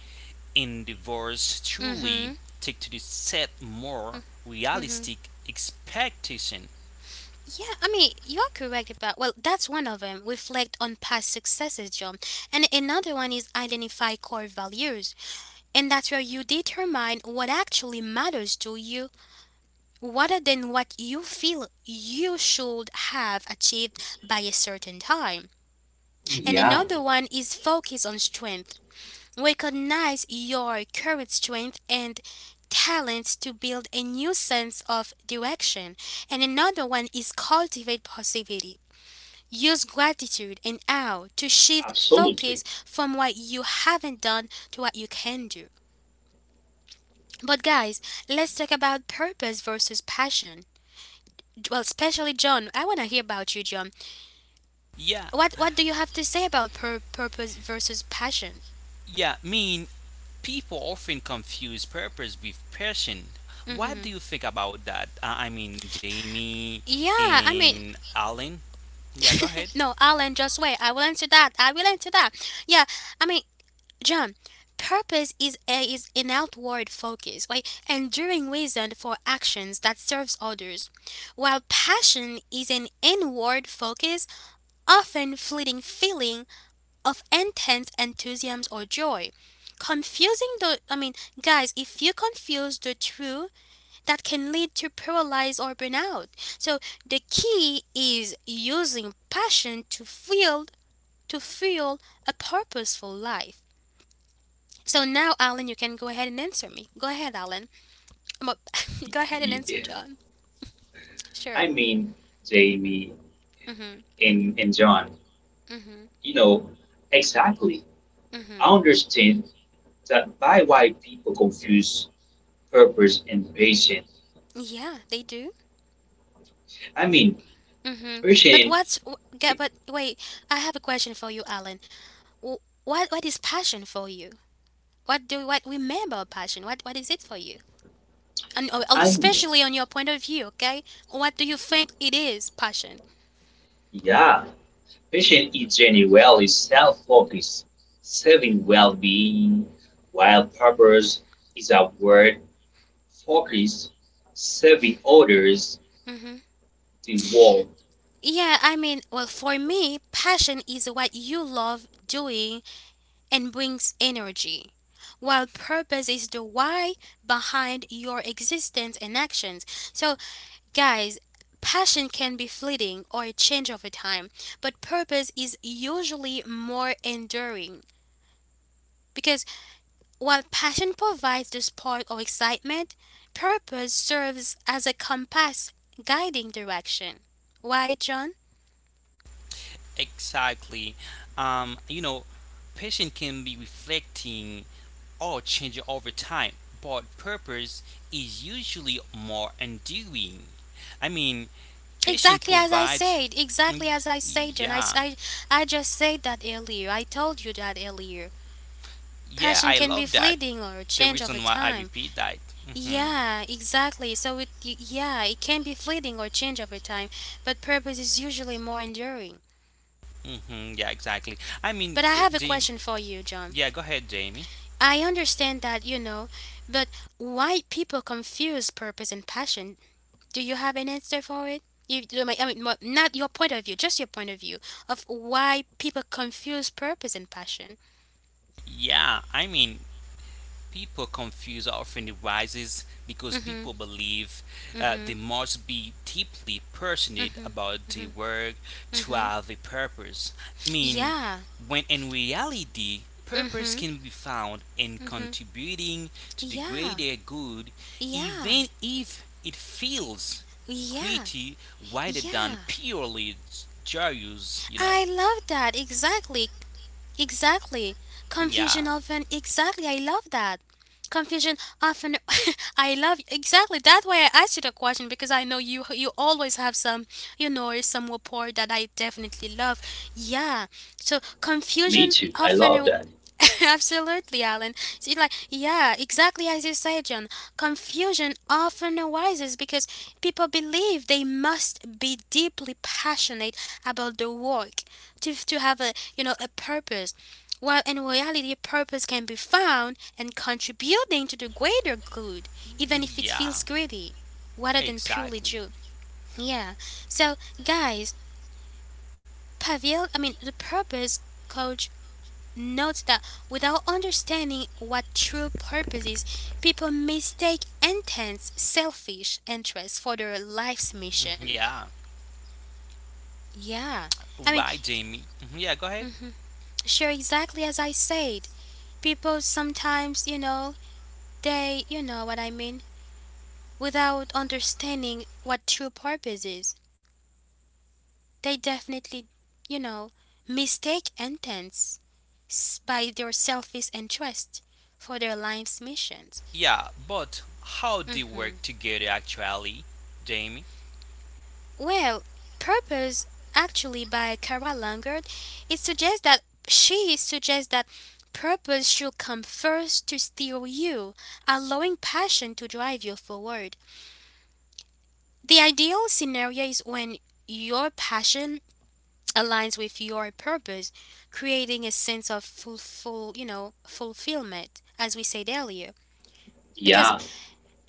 S2: endeavors
S1: Mm
S2: truly
S1: hmm.
S2: take to the set more
S1: Mm hmm.
S2: realistic expectation.
S1: Yeah, I mean, you're correct about, well, that's one of them. Reflect on past successes, John. And another one is identify core values. And that's where you determine what actually matters to you rather than what you feel you should have achieved by a certain time. And
S3: Yeah,
S1: another one is focus on strength. Recognize your current strength and talents to build a new sense of direction. And another one is cultivate positivity. Use gratitude and how to shift focus
S3: absolutely.
S1: from what you haven't done to what you can do. But guys, let's talk about purpose versus passion. Well, especially John, I want to hear about you, John.
S2: Yeah,
S1: What do you have to say about purpose versus passion?
S2: yeah, people often confuse purpose with passion. What do
S1: Hmm.
S2: you think about that? Jamie
S1: Yeah, I mean,
S2: and Alan? Yeah, go ahead.
S1: no, Alan, just wait. I will answer that. I will answer that. Yeah, I mean, John, purpose is is an outward focus, like enduring reason for actions that serves others, while passion is an inward focus, often fleeting feeling of intense enthusiasm or joy. Confusing the I mean, guys, if you confuse the two, that can lead to paralysis or burnout. So the key is using passion to feel a purposeful life. So now, Alan, you can go ahead and answer me. Go ahead, Alan. Um, go ahead and answer,
S3: Yeah,
S1: John. Sure.
S3: I mean, Jamie
S1: Mhm.
S3: and John,
S1: Mhm.
S3: you know, exactly. I
S1: Mhm.
S3: understand that by why people confuse purpose and patient.
S1: Yeah, they do.
S3: I mean,
S1: Mhm. But
S3: patient,
S1: but wait, I have a question for you, Alan. Wh- What what is passion for you? What do what we mean by passion? What is it for you? And
S3: I mean,
S1: especially on your point of view, okay? What do you think it is, passion?
S3: yeah, fashion is generally self-focused, serving well-being, while purpose is outward focused, serving others,
S1: Mhm.
S3: the world.
S1: Yeah, I mean, well, for me, passion is what you love doing and brings energy. While purpose is the why behind your existence and actions. So, guys, passion can be fleeting or change over time, but purpose is usually more enduring. Because while passion provides the spark or excitement, purpose serves as a compass guiding direction. Why, John?
S2: Exactly. You know, passion can be reflecting or changing over time, but purpose is usually more enduring. I mean, passion
S1: Exactly as I
S2: provides.
S1: said,
S2: Mm,
S1: exactly as I said, John. I,
S2: Yeah,
S1: I, I just said that earlier. I told you that earlier.
S2: yeah,
S1: Passion
S2: I
S1: can be
S2: love that.
S1: fleeting or
S2: The
S1: change over
S2: reason why I
S1: time.
S2: repeat that. Hmm
S1: Yeah, exactly. So it yeah, it can be fleeting or change over time, but purpose is usually more enduring.
S2: hmm Yeah, exactly.
S1: But I have a
S2: Jamie.
S1: question for you, John.
S2: Yeah, go ahead, Jamie.
S1: I understand that, you know, but why people confuse purpose and passion? Do you have an answer for it? I mean, not your point of view, just your point of view of why people confuse purpose and passion.
S2: Yeah, people confuse often arises because
S1: Mhm.
S2: people believe they
S1: Mhm.
S2: must be deeply passionate
S1: Mhm.
S2: about their
S1: Mhm.
S2: work to
S1: Mhm.
S2: have a purpose. I mean,
S1: Yeah.
S2: when in reality, purpose
S1: Mhm.
S2: can be found in contributing to the
S1: Yeah,
S2: greater good,
S1: yeah,
S2: even if it feels
S1: yeah,
S2: gritty rather
S1: yeah.
S2: than purely joyous, you
S1: I
S2: know.
S1: love that. Exactly. Exactly. Confusion
S2: Yeah,
S1: often, exactly, I love that. Confusion often, I love, exactly, that's why I asked you the question because I know you always have some, you know, some rapport that I definitely love. Yeah. So
S3: Me
S1: confusion
S3: too. I
S1: often,
S3: love that.
S1: absolutely, Alan. See, like, yeah, exactly as you said, John. Confusion often arises because people believe they must be deeply passionate about their work to have a, you know, a purpose, while in reality purpose can be found in contributing to the greater good even if it feels
S2: yeah,
S1: greedy rather than purely
S2: exactly.
S1: due. Yeah. So guys, Pavel, I mean, the purpose coach, notes that without understanding what true purpose is, people mistake intense selfish interests for their life's mission.
S2: Mm-hmm, Yeah,
S1: Yeah, I mean,
S2: right, Jamie. Mm-hmm, Yeah, go ahead.
S1: sure, exactly as I said. People sometimes, you know, they, you know what I mean, without understanding what true purpose is, they definitely, you know, mistake intents by their selfish interest for their life's missions.
S2: Yeah, but how they
S1: Mm-hmm.
S2: work together actually, Jamie?
S1: Well, purpose, actually, by Kara Langard, it suggests that she suggests that purpose should come first to steer you, allowing passion to drive you forward. The ideal scenario is when your passion aligns with your purpose, creating a sense of fulfillment, as we said earlier. Because
S3: Yeah,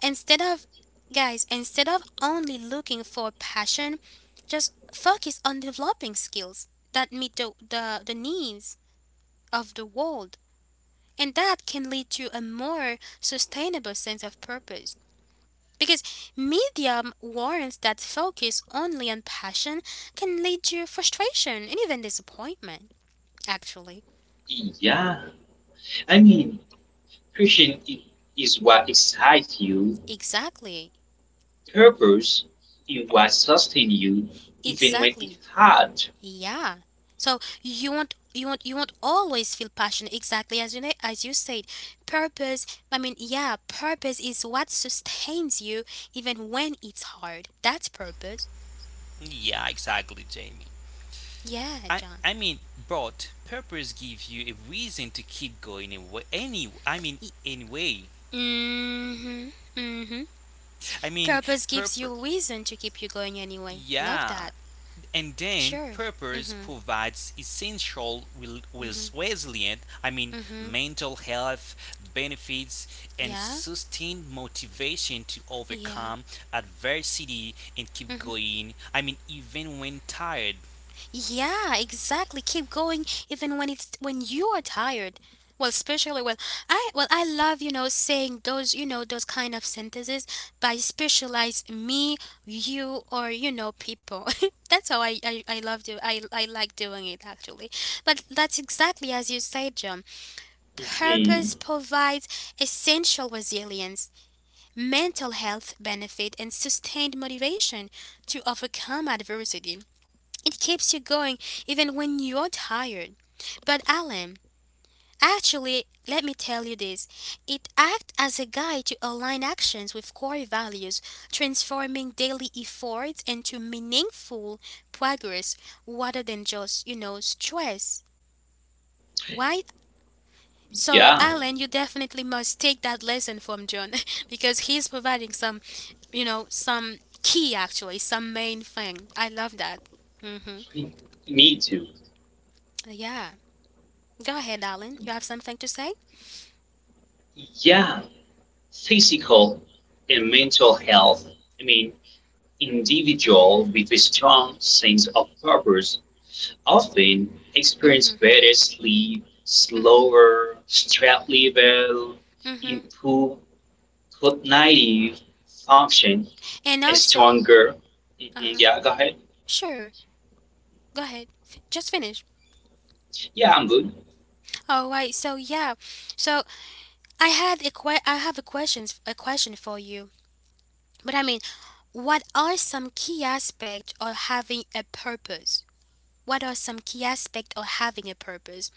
S1: instead of, guys, instead of only looking for passion, just focus on developing skills that meet the needs of the world. And that can lead to a more sustainable sense of purpose. Because media warrants that focus only on passion can lead to frustration and even disappointment, actually.
S3: yeah. I mean, passion is what excites you,
S1: Exactly,
S3: purpose is what sustains you, even when
S1: exactly.
S3: it's hard.
S1: Yeah. So you won't always feel passion exactly as as you said. Purpose. I mean, yeah, purpose is what sustains you even when it's hard. That's purpose.
S2: Yeah, exactly, Jamie.
S1: Yeah,
S2: I
S1: John.
S2: I mean, but purpose gives you a reason to keep going away. Anyway.
S1: Mm-hmm. Mm-hmm.
S2: I mean,
S1: Purpose gives you
S2: purpose.
S1: reason to keep you going anyway. Love that.
S2: Yeah, and then
S1: Sure.
S2: purpose
S1: Mm-hmm.
S2: provides essential will
S1: Mm-hmm.
S2: with resilient,
S1: Mm-hmm.
S2: mental health benefits and
S1: Yeah.
S2: sustained motivation to
S1: Yeah.
S2: overcome adversity and keep
S1: Mm-hmm.
S2: going. Even when tired.
S1: Yeah, exactly. Keep going even when it's when you are tired. Well, especially well I love, you know, saying those, you know, those kind of sentences by specialize me, you, or you know people. That's how I love do I like doing it actually. But that's exactly as you said, John.
S3: Mhm.
S1: Purpose provides essential resilience, mental health benefit, and sustained motivation to overcome adversity. It keeps you going even when you're tired. But Alan, actually, let me tell you this. It acts as a guide to align actions with core values, transforming daily efforts into meaningful progress rather than just stress. Right? So,
S3: Yeah,
S1: Alan, you definitely must take that lesson from John because he's providing some key actually, some main thing. I love that. Hmm.
S3: me too.
S1: Yeah. Go ahead, Alan. You have something to say?
S3: Yeah. Physical and mental health. I mean, individual with a strong sense of purpose often experience
S1: Mm-hmm.
S3: better sleep, slower stress level,
S1: Mm-hmm.
S3: improved cognitive function,
S1: And
S3: and
S1: also,
S3: stronger. Mhm,
S1: uh-huh.
S3: yeah, go ahead.
S1: Sure. Go ahead. Just finish.
S3: Yeah, I'm good.
S1: All right. So yeah. So I have a question for you. But I mean, what are some key aspects of having a purpose? What are some key aspects of having a purpose?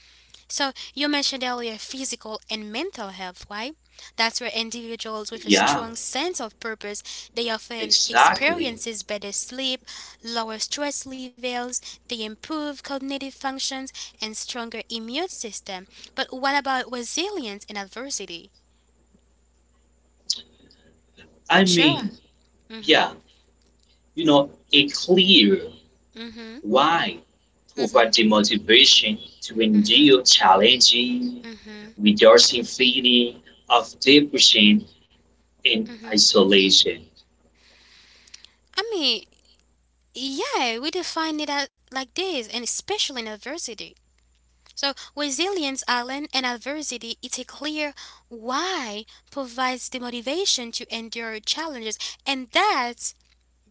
S1: So you mentioned earlier physical and mental health, right? That's where individuals with a
S3: Yeah,
S1: strong sense of purpose, they often
S3: exactly.
S1: experiences better sleep, lower stress levels, they improve cognitive functions and stronger immune system. But what about resilience in adversity?
S3: I
S1: Sure.
S3: mean, yeah,
S1: Mhm.
S3: you know, a clear
S1: Mhm.
S3: why provide
S1: Mhm.
S3: the motivation to
S1: Mhm.
S3: endure challenging
S1: Mhm.
S3: reducing feeling of depression and
S1: Mhm.
S3: isolation.
S1: I mean, yeah, we define it as like this, and especially in adversity. So, resilience, Alan, and adversity, it's a clear why provides the motivation to endure challenges. And that's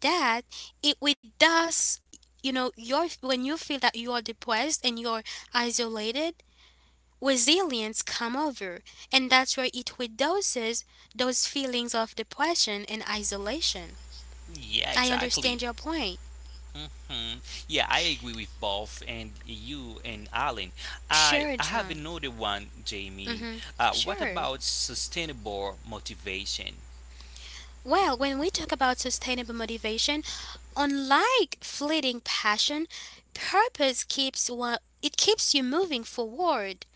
S1: that it with us, you know, your when you feel that you are depressed and you're isolated, resilience come over. And that's where it reduces those feelings of depression and isolation.
S2: Yeah,
S1: I
S2: exactly.
S1: understand your point.
S2: hmm Yeah, I agree with both and you and Alan. I
S1: Sure,
S2: I have
S1: John.
S2: another one, Jamie.
S1: Mm-hmm.
S2: What
S1: Sure.
S2: about sustainable motivation?
S1: Well, when we talk about sustainable motivation, unlike fleeting passion, purpose keeps one, it keeps you moving forward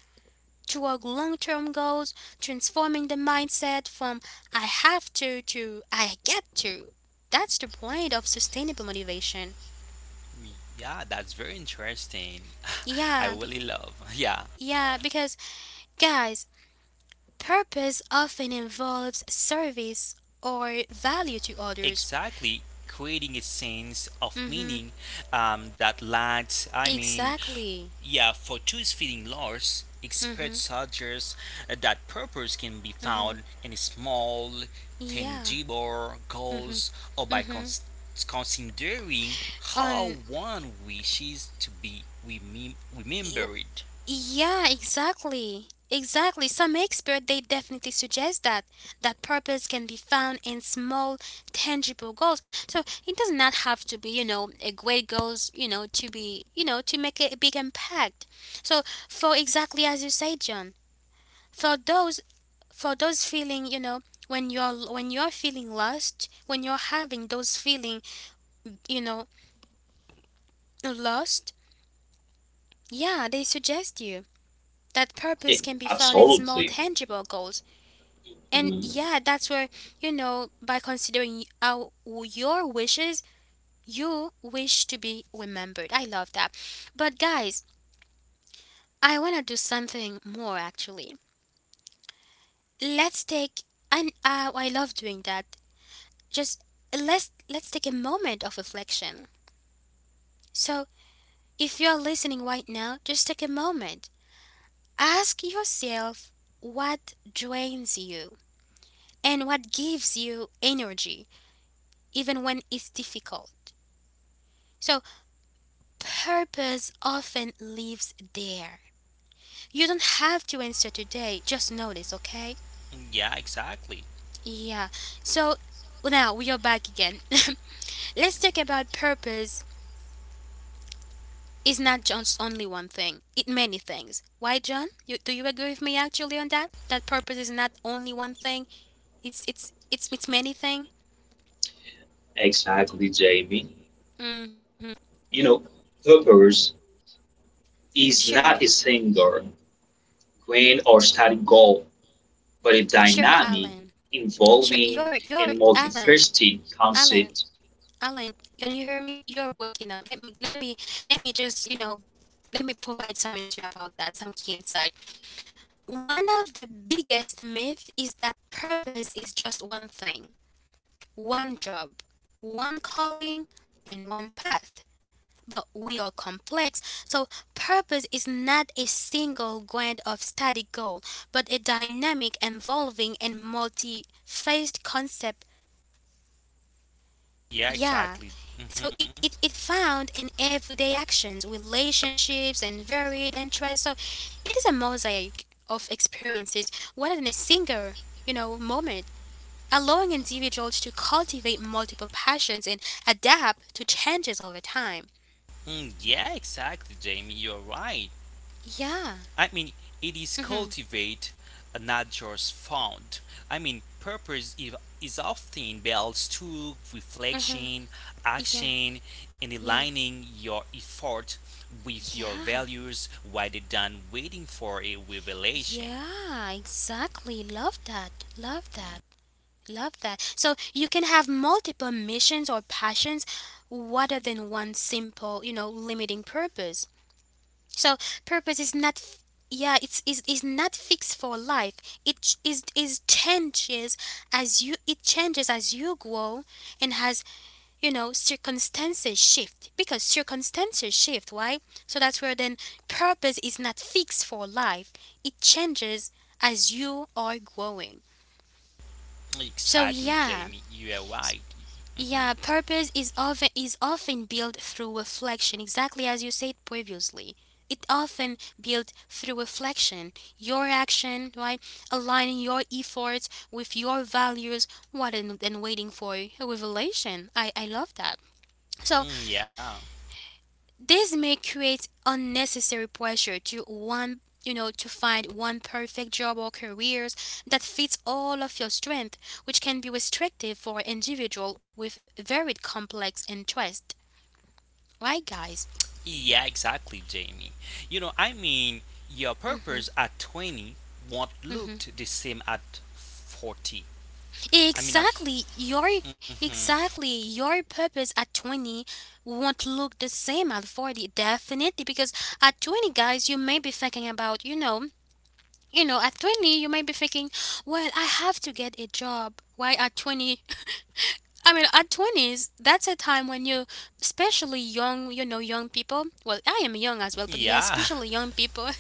S1: toward long-term goals, transforming the mindset from I have to I get to. That's the point of sustainable motivation.
S2: Yeah, that's very interesting. I
S1: Yeah, be,
S2: really love. Yeah,
S1: yeah, because guys, purpose often involves service or value to others.
S2: exactly. Creating a sense of
S1: Mhm.
S2: meaning that lads,
S1: Exactly.
S2: yeah, for two's feeling loss,
S1: Mhm.
S2: experts suggest that purpose can be
S1: Mhm.
S2: found in small,
S1: Yeah.
S2: tangible
S1: Mhm.
S2: goals or by
S1: Mhm.
S2: considering how
S1: On.
S2: one wishes to be remembered.
S1: Yeah, exactly. Exactly. Some experts they definitely suggest that that purpose can be found in small tangible goals. So it does not have to be, you know, a great goals, you know, to be, you know, to make a big impact. So for exactly as you say, John, for those for those feeling, you know, when you're feeling lost, when you're having those feeling, you know, lost, yeah, they suggest you that purpose
S3: Yeah,
S1: can be found in small
S3: absolutely.
S1: tangible goals. And
S3: Mm,
S1: yeah, that's where, you know, by considering our, your wishes, you wish to be remembered. I love that. But guys, I want to do something more actually. Let's take and I love doing that. Just let's take a moment of reflection. So, if you're listening right now, just take a moment. Ask yourself what drains you and what gives you energy even when it's difficult. So purpose often lives there. You don't have to answer today, just notice, okay?
S2: Yeah, exactly.
S1: Yeah. So now we are back again. Let's talk about purpose is not just only one thing. It many things. Why John? You, do you agree with me actually on that? That purpose is not only one thing. It's it's many things.
S3: exactly, Jamie.
S1: Mhm.
S3: You know, purpose is
S1: Sure.
S3: not a single grand or static goal, but a
S1: Sure,
S3: dynamic,
S1: Alan. Sure,
S3: involving,
S1: you're you're
S3: and
S1: Alan.
S3: multifaceted
S1: Alan,
S3: concept.
S1: Alan, can you hear me? You're waking up. Let me just, you know, let me provide some answer about that, some key insight. One of the biggest myth is that purpose is just one thing, one job, one calling, and one path. But we are complex, so purpose is not a single grand of static goal, but a dynamic, evolving, and multi-faced concept.
S2: Yeah,
S1: Yeah.
S2: exactly.
S1: So it,
S2: Mm-hmm.
S1: it, it found in everyday actions, relationships, and varied interests. So it is a mosaic of experiences rather than a single, you know, moment, allowing individuals to cultivate multiple passions and adapt to changes over time.
S2: Mm, yeah, exactly, Jamie. You're right.
S1: Yeah.
S2: I mean, it is
S1: Mm-hmm.
S2: cultivate, not just found. Purpose is often built through reflection,
S1: Yeah.
S2: action, and
S1: Yeah.
S2: aligning your effort with your
S1: Yeah.
S2: values rather than waiting for a revelation.
S1: Yeah. Exactly. Love that. Love that. Love that. So you can have multiple missions or passions rather than one simple, you know, limiting purpose. So purpose is not f- yeah, it's is not fixed for life. It ch- is is changes it changes as you grow and as, you know, circumstances shift because circumstances shift, right? So that's where then purpose is not fixed for life. It changes as you are growing. So
S2: Exactly,
S1: yeah.
S2: Jamie. You are right. hmm
S1: Yeah, purpose is often built through reflection, exactly as you said previously. It often built through reflection. Your action, right? Aligning your efforts with your values rather than waiting for a revelation. I love that. So
S2: Mm, yeah.
S1: this may create unnecessary pressure to one, you know, to find one perfect job or careers that fits all of your strength, which can be restrictive for individual with varied complex interests. Right, guys?
S2: Yeah, exactly, Jamie. You know, your purpose at 20 won't
S1: Hmm.
S2: look the same at 40. I mean, at,
S1: Exactly. Your
S2: mhm.
S1: exactly your purpose at 20 won't look the same at 40 definitely because at 20 guys you may be thinking about, at 20, you might be thinking, well, I have to get a job. Why at 20? I mean, at 20s, that's a time when you, especially young, you know, young people, well, I am young as well, but yeah,
S2: yeah,
S1: especially young people,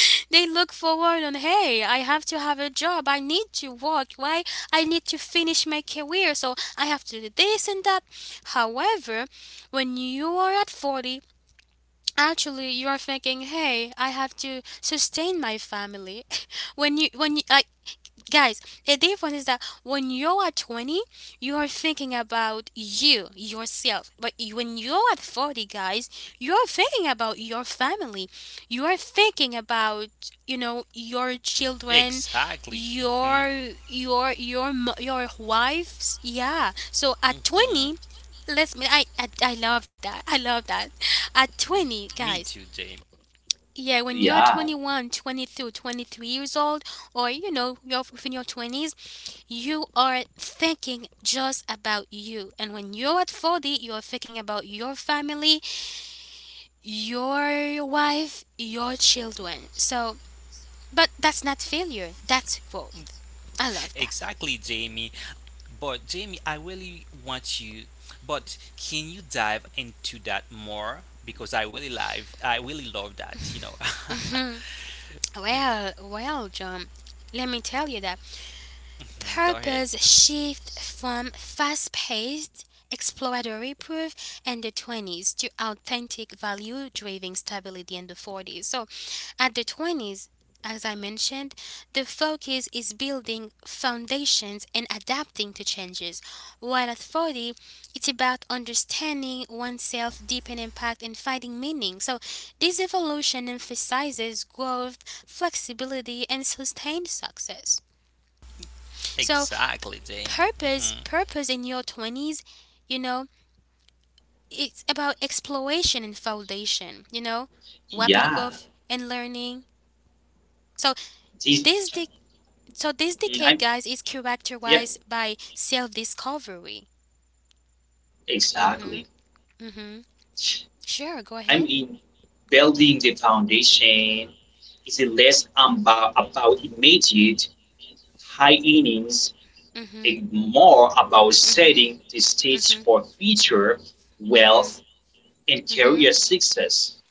S1: they look forward on, hey, I have to have a job. I need to work. Why? I need to finish my career. So I have to do this and that. However, when you are at 40, actually you are thinking, hey, I have to sustain my family. when you when you, I, guys, the difference is that when you are 20 you are thinking about you yourself, when you're at 40 guys you're thinking about your family, you are thinking about, you know, your children,
S2: exactly. hmm
S1: your wives, yeah, so at 20 let's I love that, I love that. At 20
S2: Me
S1: guys,
S2: too, Jamie.
S1: yeah, when you're
S3: Yeah,
S1: 23 years old, or you know, you're within your 20s, you are thinking just about you. And when you're at 40, you're thinking about your family, your wife, your children. So, but that's not failure, that's growth. I love that.
S2: Exactly, Jamie. But, Jamie, I really want you, but can you dive into that more? Because I really love that, you know.
S1: Hmm. Well, John, let me tell you that
S2: Mhm, Go ahead.
S1: purpose shift from fast-paced exploratory proof in the 20s to authentic value-driven stability in the 40s. So, at the 20s, as I mentioned, the focus is building foundations and adapting to changes, while at 40, it's about understanding oneself, deepen impact, and finding meaning. So, this evolution emphasizes growth, flexibility, and sustained success. So,
S2: Exactly, Jamie.
S1: Purpose,
S2: Hmm
S1: purpose in your 20s, you know, it's about exploration and foundation, you know, rapid growth
S3: yeah.
S1: and learning. So
S3: This,
S1: this de- so this decade,
S3: mm-hmm, I,
S1: guys, is
S3: yeah,
S1: characterized by self-discovery. Mhm.
S3: exactly.
S1: Mhm. Sure, go
S3: I
S1: ahead.
S3: mean, building the foundation is less about immediate high innings
S1: Mhm.
S3: and more about
S1: Mhm.
S3: setting the stage
S1: Mhm.
S3: for future
S1: Mhm.
S3: wealth and
S1: Mhm.
S3: career success.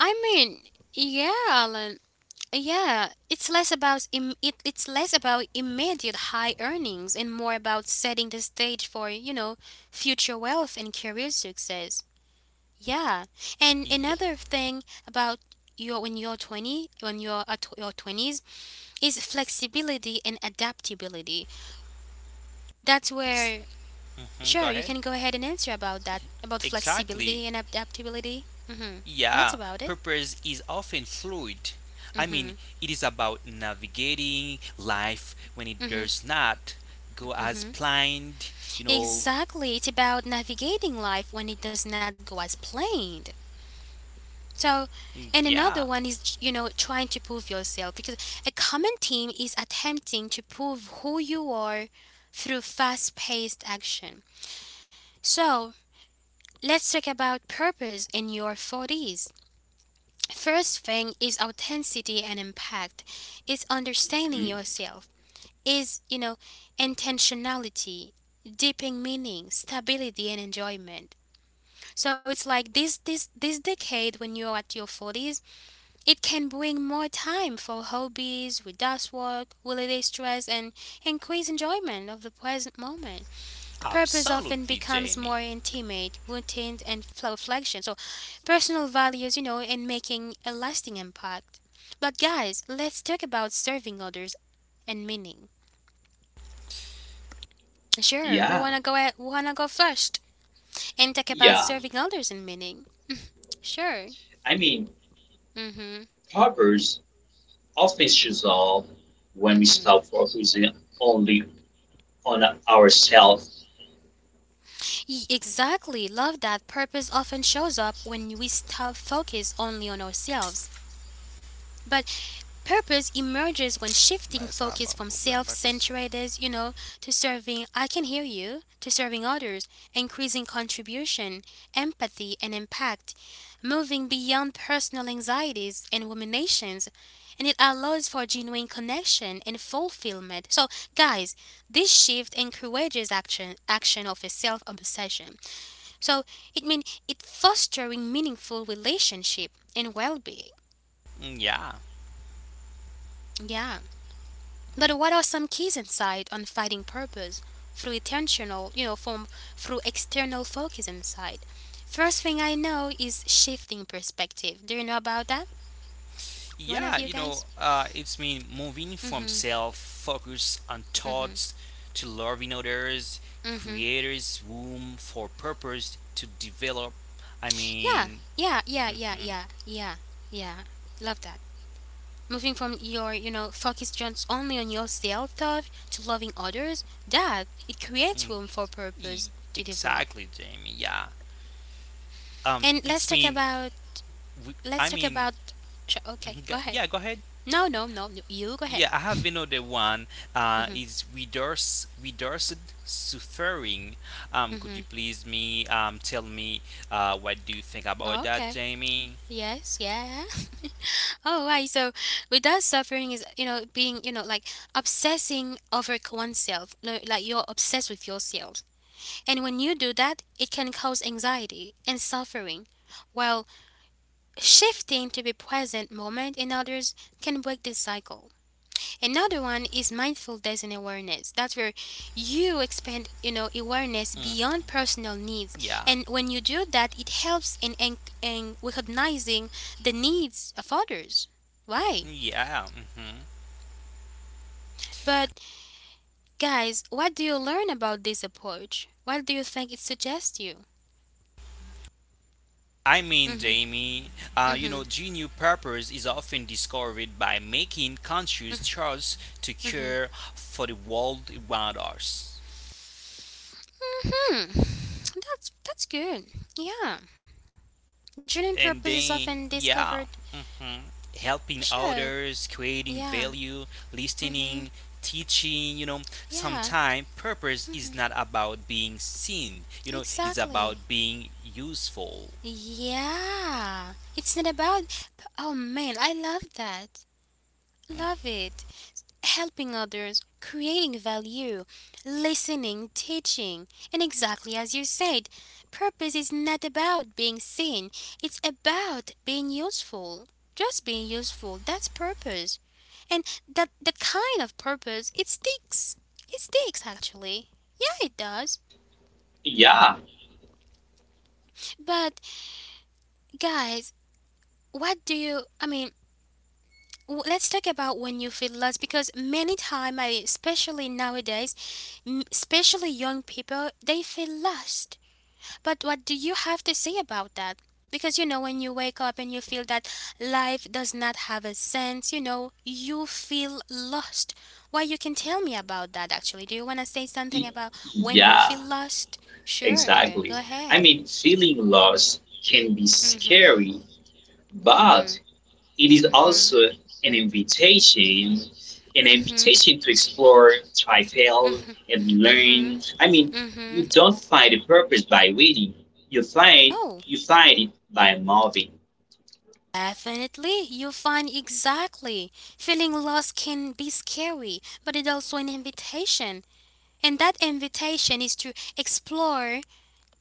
S1: I mean, yeah, Alan. Yeah, it's less about immediate high earnings and more about setting the stage for, you know, future wealth and career success. Yeah. And
S2: Yeah.
S1: another thing about your when you're 20, when you're at your 20s is flexibility and adaptability. That's where
S2: Ex- mhm,
S1: sure, you
S2: Go
S1: can
S2: ahead.
S1: go ahead and answer about that, about flexibility
S2: Exactly.
S1: and adaptability. Mhm. What's
S2: Yeah,
S1: about it?
S2: purpose is often fluid. I mean,
S1: Mhm.
S2: it is about navigating life when it
S1: Mhm.
S2: does not go as
S1: Mhm.
S2: planned, you know.
S1: Exactly, it's about navigating life when it does not go as planned. So,
S2: Mm,
S1: and
S2: Yeah,
S1: another one is, you know, trying to prove yourself because a common theme is attempting to prove who you are through fast paced action. So, let's talk about purpose in your 40s. First thing is authenticity and impact, it's understanding
S3: Mm,
S1: yourself, is, you know, intentionality, deepening meaning, stability, and enjoyment. So it's like this decade when you're at your 40s, it can bring more time for hobbies, reduce work, holiday stress and increase enjoyment of the present moment. Purpose
S2: absolutely,
S1: often becomes
S2: Jamie.
S1: more intimate, routine and flow reflection. So personal values, you know, and making a lasting impact. But guys, let's talk about serving others and meaning. Sure,
S3: yeah,
S1: who wanna go first and talk about
S3: yeah.
S1: serving others and meaning? Sure.
S3: I mean,
S1: Mhm.
S3: Proverbs often shows up when we
S1: Mhm.
S3: stop focusing only on ourselves.
S1: Exactly. Love that purpose often shows up when we stop focus only on ourselves. But purpose emerges when
S2: Mas
S1: shifting
S2: haba
S1: focus from
S2: problem because
S1: self-centered, you know, to serving, I can hear you, to serving others, increasing contribution, empathy and impact, moving beyond personal anxieties and ruminations, and it allows for genuine connection and fulfillment. So, guys, this shift encourages action of a self-obsession, so it means it fostering meaningful relationship and well-being.
S2: Yeah,
S1: Yeah. But what are some keys inside on finding purpose through intentional, you know, from through external focus inside? First thing I know is shifting perspective. Do you know about that? One
S2: yeah,
S1: of you guys?
S2: it's mean moving from
S1: Mhm.
S2: self focus on
S1: Mhm.
S2: thoughts to loving others,
S1: Mhm.
S2: creators room for purpose to develop. I
S1: Yeah.
S2: mean,
S1: Yeah, yeah, yeah, yeah, yeah. Yeah. Love that. Moving from your, you know, focus just only on yourself thought to loving others, that it creates
S2: mhm,
S1: room for
S2: E-
S1: purpose to develop.
S2: Exactly, Jamie. Yeah.
S1: And
S2: It's mean. We. I
S1: let's talk
S2: mean,
S1: about okay,
S2: mhm,
S1: go ahead.
S2: yeah. Go ahead.
S1: No, you go ahead.
S2: Yeah, I have another one.
S1: Mhm.
S2: Is reduce reduced suffering. Could you
S1: Mhm.
S2: please me tell me what do you think about that,
S1: Okay.
S2: Jamie?
S1: Yes, yeah. Oh, right. So, with that suffering is, you know, being, you know, like obsessing over oneself. Like you're obsessed with yourself. And when you do that, it can cause anxiety and suffering, while shifting to the present moment in others can break this cycle. Another one is mindfulness and awareness. That's where you expand, you know, awareness
S2: Mm,
S1: beyond personal needs.
S2: yeah.
S1: And when you do that, it helps in recognizing the needs of others. Why?
S2: Yeah. hmm
S1: But guys, what do you learn about this approach? What do you think it suggests you? Mm-hmm.
S2: Jamie, you
S1: Mm-hmm.
S2: know, genuine purpose is often discovered by making conscious choice to
S1: Mm-hmm.
S2: care for the world around us.
S1: Hmm, that's good. Yeah, drilling purpose
S2: And
S1: is
S2: then
S1: often
S2: yeah
S1: discovered.
S2: mhm, helping
S1: Sure.
S2: others creating
S1: Yeah.
S2: value
S1: Mhm.
S2: listening teaching you know
S1: Yeah.
S2: sometimes purpose is
S1: Mhm.
S2: not about being seen you know it's about
S1: Exactly.
S2: being useful
S1: Yeah. It's not about. Oh man, I love that. Love it. Helping others, creating value, listening, teaching. And exactly as you said, purpose is not about being seen, it's about being useful. Just being useful, that's purpose. And that the kind of purpose it sticks. It sticks actually. Yeah, it does.
S3: Yeah,
S1: But guys, what do you, I mean, let's talk about when you feel lost because many time I, especially nowadays, especially young people they feel lost, but what do you have to say about that, because you know when you wake up and you feel that life does not have a sense, you know, you feel lost. Why? You can tell me about that actually. Do you want to say something
S3: y-
S1: about when you
S3: yeah.
S1: feel lost? Sure, go
S3: Exactly.
S1: ahead.
S3: I mean, feeling lost can be
S1: Mhm.
S3: scary,
S1: Mhm.
S3: but it is
S1: Mhm.
S3: also an invitation, an
S1: Mhm.
S3: invitation to explore, try, fail,
S1: Mhm.
S3: and
S1: Mhm.
S3: learn. I mean,
S1: Mhm.
S3: you don't find a purpose by waiting. You find
S1: Oh.
S3: you find it by moving.
S1: Definitely, you find exactly. Feeling lost can be scary, but it's also an invitation. And that invitation is to explore,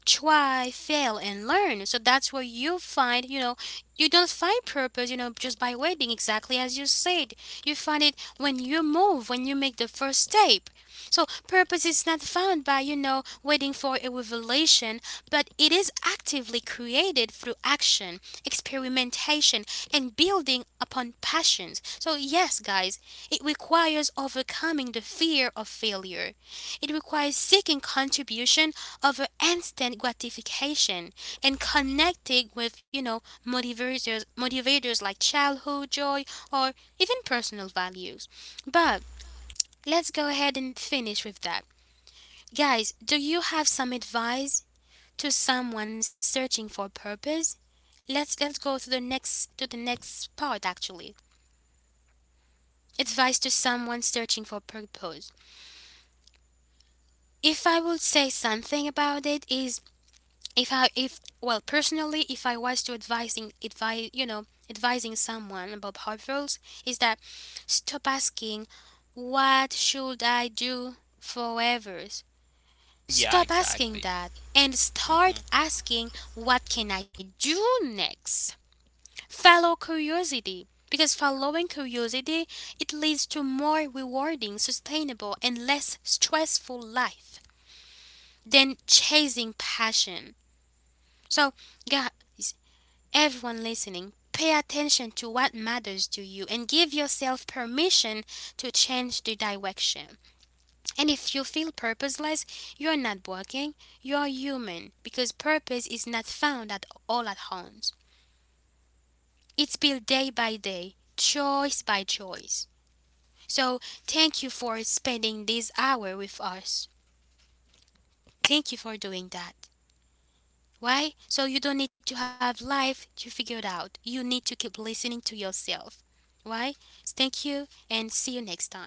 S1: try, fail, and learn. So that's where you find, you know, you don't find purpose, you know, just by waiting, exactly as you said. You find it when you move, when you make the first step. So purpose is not found by, you know, waiting for a revelation, but it is actively created through action, experimentation, and building upon passions. So, yes, guys, it requires overcoming the fear of failure, it requires seeking contribution over instant gratification and connecting with, you know, motivators, motivators like childhood joy or even personal values. But let's go ahead and finish with that. Guys, do you have some advice to someone searching for purpose? Let's go to the next part actually. Advice to someone searching for purpose. If I would say something about it is if I if well personally if I was to advising advise you know advising someone about potholes is that stop asking what should I do forever.
S2: yeah
S1: Stop asking
S2: exactly
S1: that and start asking what can I do next. Follow curiosity because following curiosity it leads to more rewarding, sustainable and less stressful life than chasing passion. So guys, everyone listening, pay attention to what matters to you and give yourself permission to change the direction. And if you feel purposeless, you're not working, you're human because purpose is not found at all at once. It's built day by day, choice by choice. So, thank you for spending this hour with us. Thank you for doing that. Why? So you don't need to have life to figure it out. You need to keep listening to yourself. Why? Thank you and see you next time.